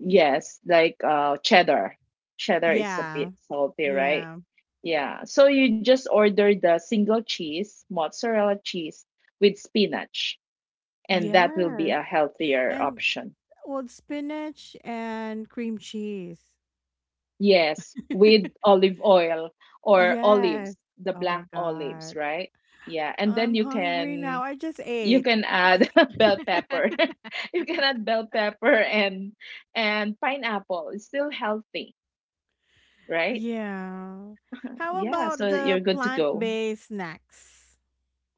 Yes, like cheddar. Cheddar is a Yeah. bit salty, right? Yeah. Yeah. So you just order the single cheese, mozzarella cheese with spinach, and that will be Yes. a healthier And option. well, spinach and cream cheese. Yes, with olive oil or Yes. olives, the Oh my black olives, God. right? Yeah, and then I'm hungry now. I just you ate. can add bell pepper. You can add bell pepper and pineapple. It's still healthy, right? Yeah. How Yeah, about so the you're good to go. plant-based snacks?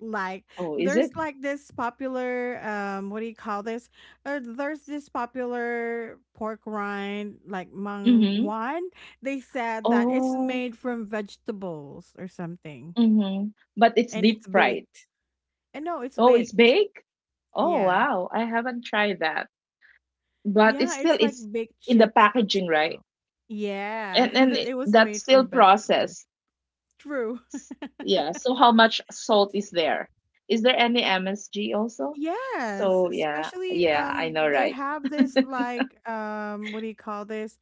Like, Oh, is there's it? like this popular what do you call this, there's this popular pork rind like mang Mm-hmm. wan. They said that it's Oh. made from vegetables or something, Mm-hmm. But it's and deep it's fried. baked. And no, it's Oh, it's baked. baked? Oh, Yeah, wow. I haven't tried that. But it's yeah, still it's like it's baked in the chips, but packaging, right? still. Yeah. That it was That's made still from vegetables. processed. True. S- Yeah. So how much salt is there? Is there any MSG also? Yes, So yeah, especially yeah, I know, they right? have this like what do you call this?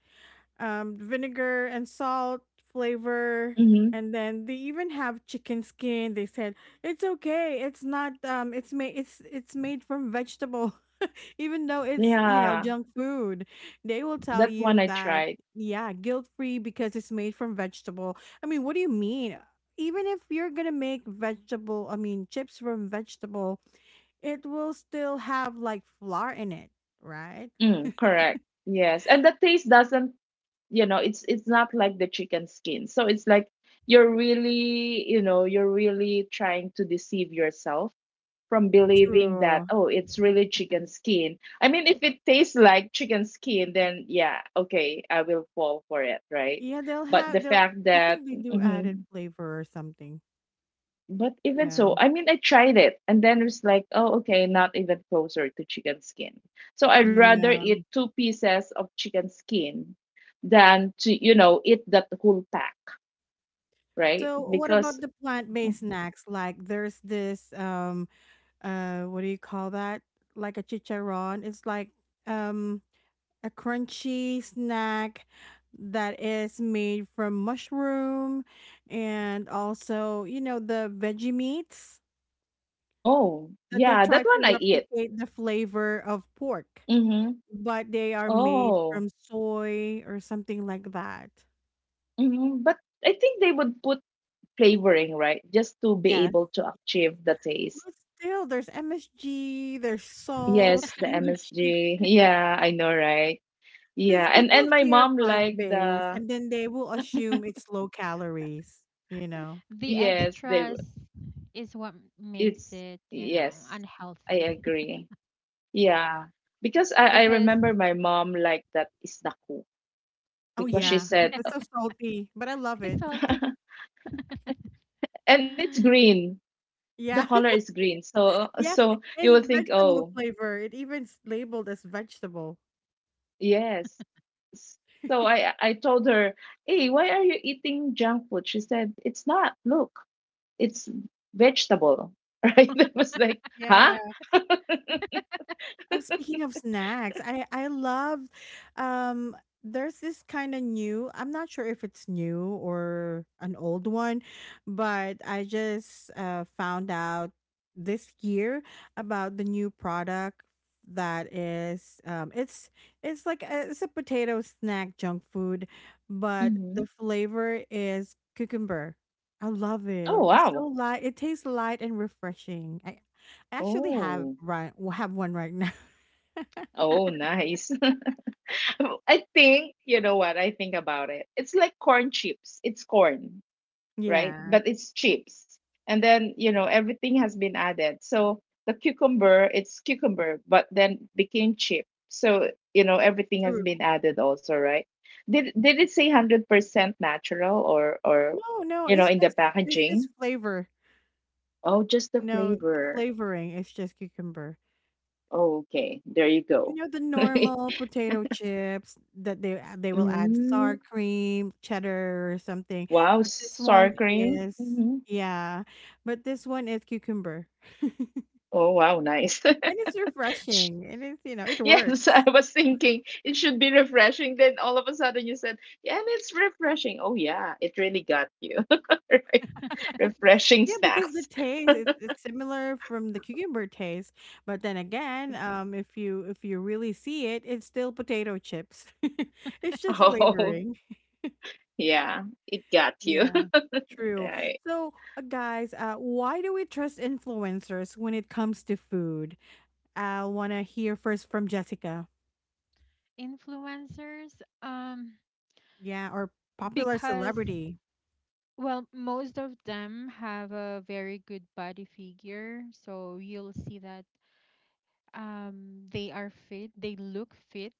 Vinegar and salt flavor. Mm-hmm. And then they even have chicken skin. They said it's okay. It's not. It's made. It's made from vegetable. Even though it's Yeah. junk food, they will tell That one you I that, tried. yeah, guilt free because it's made from vegetable. I mean, what do you mean? Even if you're gonna make vegetable, I mean chips from vegetable, it will still have like flour in it, right? Mm, correct. Yes. And the taste doesn't it's not like the chicken skin, so it's like you're really, you're really trying to deceive yourself from believing that, True. oh, it's really chicken skin. I mean, if it tastes like chicken skin, then yeah, okay, I will fall for it, right? Yeah, they'll But the have they'll fact I that— think they do added Mhm. flavor or something. But even so, Yeah. I mean, I tried it and then it was like, oh, okay, not even closer to chicken skin. So I'd rather eat Yeah. two pieces of chicken skin than to, you know, eat that whole pack, right? So what Because— about the plant-based snacks? Like, there's this what do you call that? Like a chicharron. It's like um a crunchy snack that is made from mushroom and also, you know, the veggie meats Oh, that they yeah, try that to one I eat. replicate the flavor of pork. Mm-hmm. But they are made Oh, from soy or something like that. mm-hmm. But I think they would put flavoring, right? Just to be Yes. able to achieve the taste. But still, there's MSG, there's salt, Yes, the and there's sugar. MSG. Yeah, I know, right? Because Yeah, and people my hear mom plant liked based the— and then they will assume it's low calories, you know? The Yes, they— extras is what makes It's— it, you know, Yes, I unhealthy agree. Yeah. Because I, I because remember my mom liked that isdaku Oh, it's because not she yeah. good. said— Yeah, It's so salty, but I love it's it. salty. And it's green. The Yeah. color is green. So Yeah. so you will And think, vegetable oh, flavor. It even's labeled as vegetable. yes. S- So I told her, "Hey, why are you eating junk food?" She said, "It's not, look, it's vegetable." Right? It was like, huh? Yeah. Oh, speaking of snacks, I love um there's this kind of new, I'm not sure if it's new or an old one, but I just found out this year about the new product that is it's a potato snack junk food, but Hmm. the flavor is cucumber. I love it. Oh It's so wow. light. It tastes light and refreshing. I actually have Oh. right have one right now. Oh, nice. I think, you know what, I think about it. It's like corn chips. It's corn, right? Yeah, But it's chips. And then, you know, everything has been added. So the cucumber, it's cucumber, but then became chip. So, you know, everything has true. been added also, right? Did it say 100% natural or No, no, it's in the just it's just packaging? flavor. Oh, just the You know, the flavor. flavoring is just cucumber. Oh, okay. There you You go. know, the normal potato chips that they will add Mm. sour cream, cheddar or something, Wow, but this sour one cream. is, Hmm. yeah, but this one is cucumber. Oh, wow, nice. And it's Sh- refreshing. And it's, it Yes, I works. was thinking it should be refreshing. Then all of a sudden you said, yeah, and it's refreshing. Oh, yeah, it really got you. Right. Refreshing Yeah, because the snacks. taste it's similar from the cucumber taste, but then again, if you really see it, it's still potato chips. It's just Oh, flavoring. yeah, it got you. Yeah, true. Right. So, guys, why do we trust influencers when it comes to food? I want to hear first from Jessica. Influencers, Yeah, or popular because, celebrity. well, most of them have a very good body figure, so you'll see that they are fit, they look fit,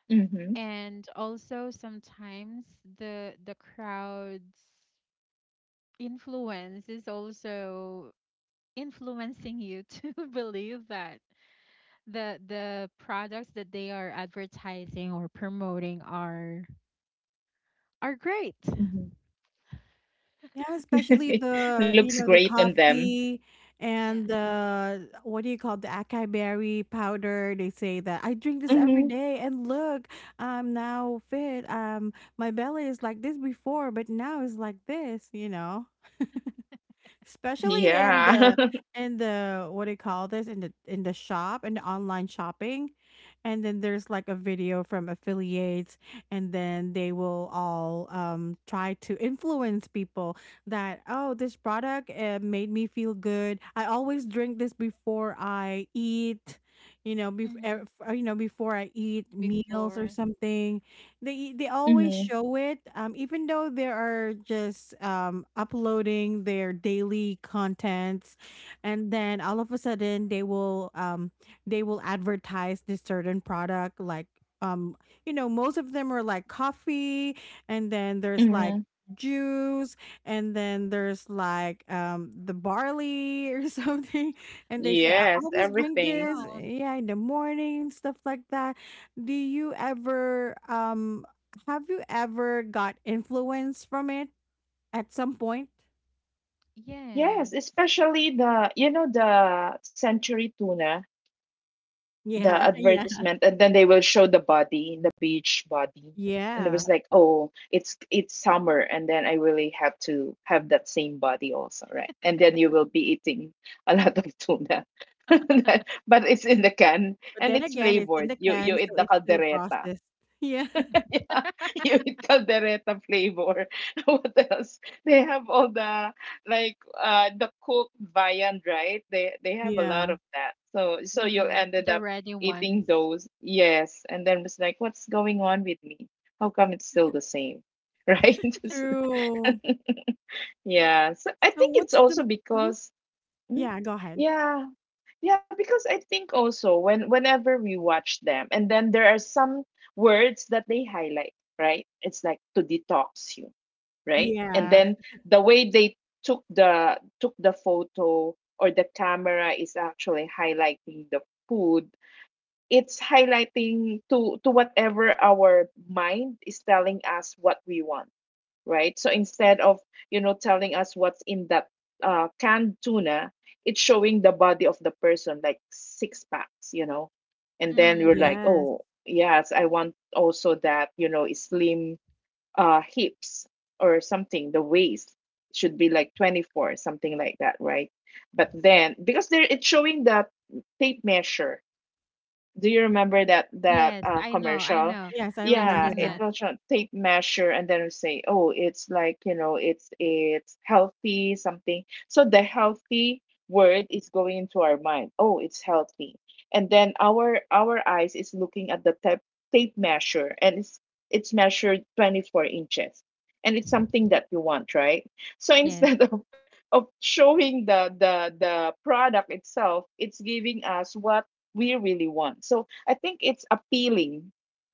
Mm-hmm. and also sometimes the crowd's influence is also influencing you to believe that the products that they are advertising or promoting are great. Yeah, especially Mm-hmm. the, Looks the great on them. coffee Yeah. and the what do you call it, the acai berry powder. They say that I drink this every Mm-hmm. day, and look, I'm now fit. My belly is like this before, but now it's like this. You know, especially in Yeah. Yeah. the in the what do you call this, in the shop, in the online shopping, and then there's like a video from affiliates, and then they will all try to influence people that, oh, this product, made me feel good. I always drink this before I eat, hmm before I eat meals or before something. They always Mm-hmm. show it, even though they are just uploading their daily contents. And then all of a sudden, they will advertise this certain product, like um most of them are like coffee, and then there's like Mm-hmm. juice, and then there's like the barley or something. And they say, I Yes, always drink I everything. this, know. Yeah, in the morning and stuff like that. Do you ever Have you ever got influence from it at some point? Yes, Yes. especially the, you know, the Century Tuna. The Yeah, yeah. advertisement, and then they will show the body, the beach body, and it Yeah. was like, oh, it's summer, and then I really have to have that same body also, right? And then you will be eating a lot of tuna. But it's in the can But and then it's again, it's in flavored. the You can, eat so the it's still caldereta. processed. Yeah. Yeah, yung caldereta flavor. What else? They have all the like uh, the cooked viand, right? They have a lot Yeah. of that. So so you Mm, ended the up ready ones. eating those. Yes, and then it's like, what's going on with me? How come it's still the same? Right? True. Yeah. So I So think it's what's also the— Mhm. because— mm, Yeah, go ahead. yeah, yeah, because I think also when whenever we watch them, and then there are some words that they highlight, right? It's like to detox you, right? And Yeah. Mhm. then the way they took the photo or the camera is actually highlighting the food. It's highlighting to— to whatever our mind is telling us what we want, right? So instead of, you know, telling us what's in that canned tuna, it's showing the body of the person, like six packs, you know? And then you're Mm. like, Yes. oh, yes, I want also that, you know, slim hips or something, the waist should be like 24, something like that, right? But then, because there it's showing that tape measure, do you remember that that Yes, I know, I commercial? know. Yes, I I've Yeah, remember seen it that. that. was show tape measure and then say, oh, it's like, you know, it's healthy something. So the healthy word is going into our mind. Oh, it's healthy. And then our eyes is looking at the tape measure and it's measured 24 inches. And it's something that you want, right? So Yes. instead of showing the the product itself, it's giving us what we really want. So I think it's appealing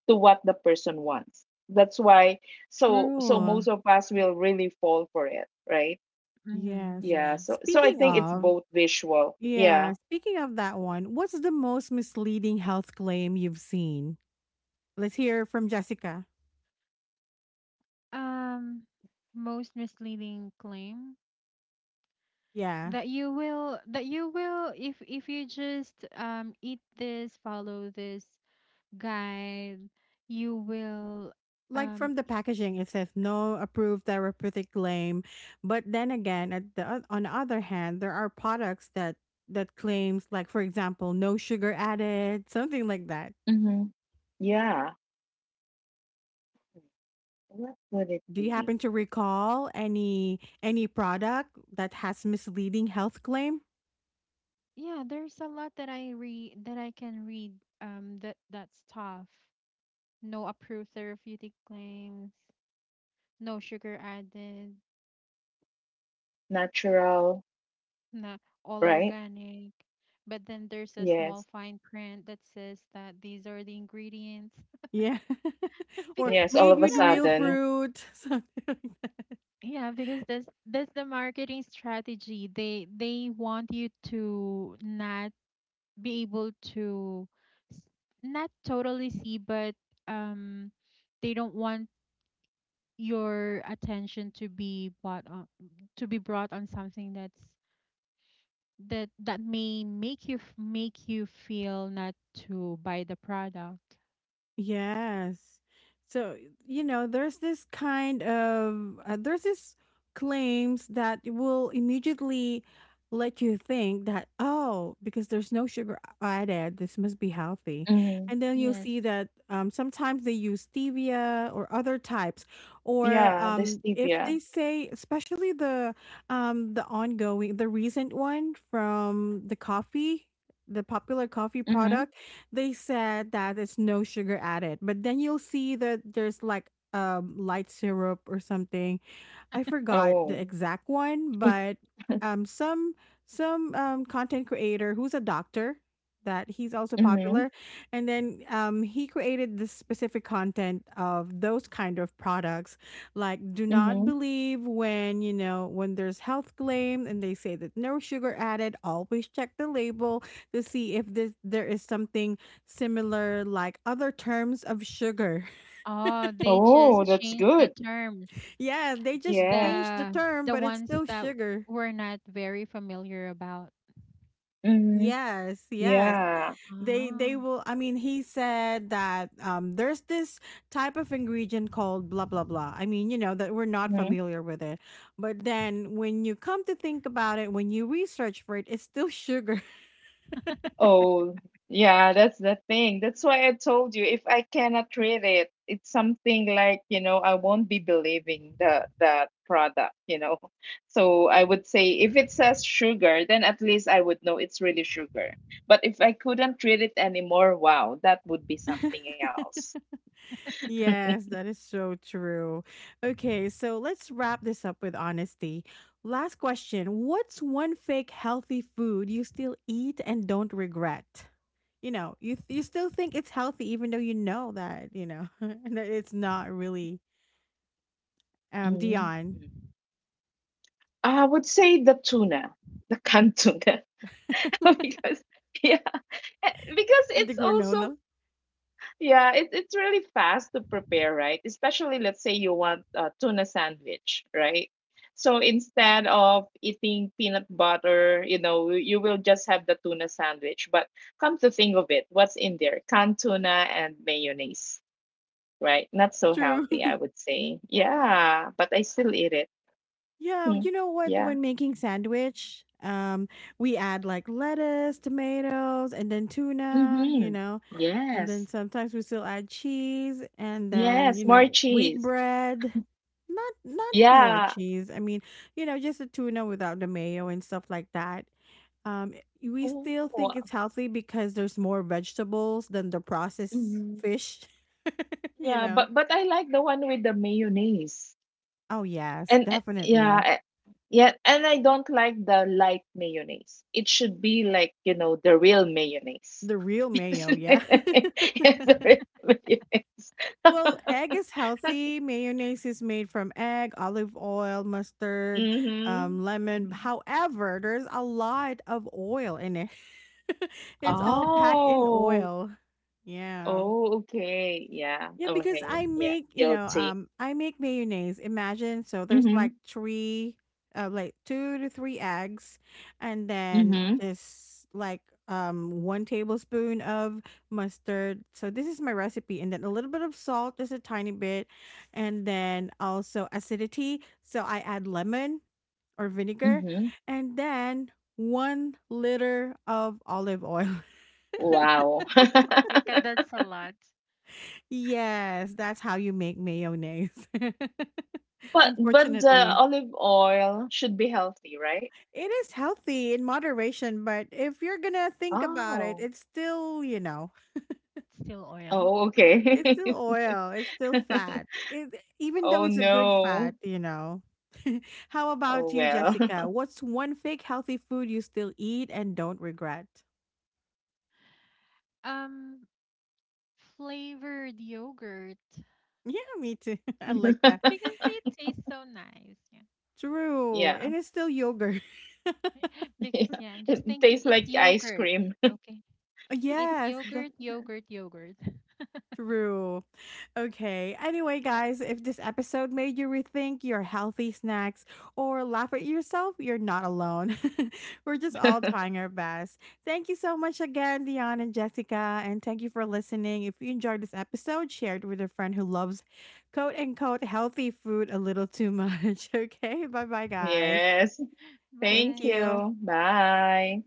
to what the person wants. That's why so so True. most of us will really fall for it, right? Mm-hmm. Yes. Yeah. Yeah. So so I Speaking think it's of, both visual. Yeah. yeah, speaking of that one, what's the most misleading health claim you've seen? Let's hear from Jessica. Um, Most misleading claim Yeah. that you will, if you just eat this, follow this guide, you will. Like um from the packaging, it says no approved therapeutic claim. But then again, on the other hand, there are products that claims like for example, no sugar added, something like that. Mm-hmm. Yeah. What would it Do you be? happen to recall any product that has misleading health claim? yeah, there's a lot that I can read, that that's tough. No approved therapeutic claims, no sugar added, Natural, na all right? organic. But then there's a small Yes. fine print that says that these are the ingredients. Yeah. Or Because Yes. All made of a you with know, that's real the sudden. fruit. Yeah, because that's the marketing strategy. They want you to not be able to s- not totally see, but um they don't want your attention to be brought on to be brought on something that may make you make you feel not to buy the product. Yes. So, you know, there's this kind of, there's this claims that will immediately let you think that, oh, because there's no sugar added, this must be healthy. Mm-hmm. And then you'll Yes. see that, sometimes they use stevia or other types. Or, Yeah. The if stevia. they say, especially the ongoing, the recent one from the coffee, the popular coffee Mm-hmm. product. They said that it's no sugar added, but then you'll see that there's like light syrup or something. I forgot the Oh. exact one, but um, some some content creator who's a doctor, that he's also Mm-hmm. popular, and then he created this specific content of those kind of products, like do not Mm-hmm. believe when, when there's health claim, and they say that no sugar added. Always check the label to see if this there is something similar, like other terms of sugar. Oh, they You just know? Oh, that's changed the good. terms. Yeah, they just Yes. changed the The term, the but it's ones still that sugar. we're not very familiar about. Mm-hmm. Yes, yes. Yeah. They Ah. will I mean, he said that there's this type of ingredient called blah blah blah. I mean, that we're not Mhm. familiar with it. But then when you come to think about it, when you research for it, it's still sugar. Oh, yeah, that's the thing. That's why I told you, if I cannot read it, it's something like, you know, I won't be believing the that product, you know. So I would say if it says sugar, then at least I would know it's really sugar. But if I couldn't read it anymore, wow, that would be something else. Yes, that is so true. Okay, so let's wrap this up with honesty. Last question. What's one fake healthy food you still eat and don't regret? You know, you still think it's healthy, even though you know that, that it's not really, Mm. Dion, I would say the tuna, the canned tuna, because yeah, because and the it's also— granola. yeah, it, it's really fast to prepare, right? Especially let's say you want a tuna sandwich, right? So instead of eating peanut butter, you know, you will just have the tuna sandwich. But come to think of it, what's in there? Canned tuna and mayonnaise, right? Not so True. healthy, I would say. Yeah, but I still eat it. Yeah, Mm. you know what? Yeah. When making sandwich, we add like lettuce, tomatoes, and then tuna, Mm-hmm. And then Yes. sometimes we still add cheese, and then Yes, more wheat cheese. bread. Not more Yeah. cheese. I mean, just the tuna without the mayo and stuff like that. Um, we Oh, still think it's healthy because there's more vegetables than the processed mhm. fish. You Yeah, know. But I like the one with the mayonnaise. Oh yes, And definitely yeah, and I don't like the light mayonnaise. It should be like, you know, the real mayonnaise. the real mayo. Yeah. Yes, the real mayonnaise. Well, egg is healthy. Mayonnaise is made from egg, olive oil, mustard, Mm-hmm. lemon. However, there's a lot of oil in it. It's all packed in Oh, oil. Yeah. oh, okay. Yeah, Yeah, because okay. I Yeah, make, guilty. I make mayonnaise. Imagine, so there's Mm-hmm. like two to three eggs, and then Mm-hmm. just like 1 tablespoon of mustard. So this is my recipe, and then a little bit of salt, just a tiny bit, and then also acidity. So I add lemon or vinegar, Mm-hmm. and then 1 liter of olive oil. Wow. Okay, 'cause that's a lot. It's Yes, that's how you make mayonnaise. But the Unfortunately. olive oil should be healthy, right? It is healthy in moderation, but if you're gonna think about it, Oh. it's still, still oil. Oh, okay. it's still oil, it's still fat. Even though Oh it's a good fat, no. you know. How Oh about you, well. Jessica? What's one fake healthy food you still eat and don't regret? um, Flavored yogurt Yeah, me too. I like that. because it tastes so nice. Yeah. True. It Yeah. is still yogurt. Because Yeah. yeah, I'm just It thinking tastes it's like ice yogurt. Cream. Okay. It's Yes, yogurt, yogurt, yogurt. true. Okay. Anyway, guys, if this episode made you rethink your healthy snacks or laugh at yourself, you're not alone. We're just all trying our best. Thank you so much again, Dion and Jessica, and thank you for listening. If you enjoyed this episode, share it with a friend who loves coat and coat healthy food a little too much. Okay. Bye bye, guys. Yes. Thank Thank Bye. Thank you. you. you. Bye.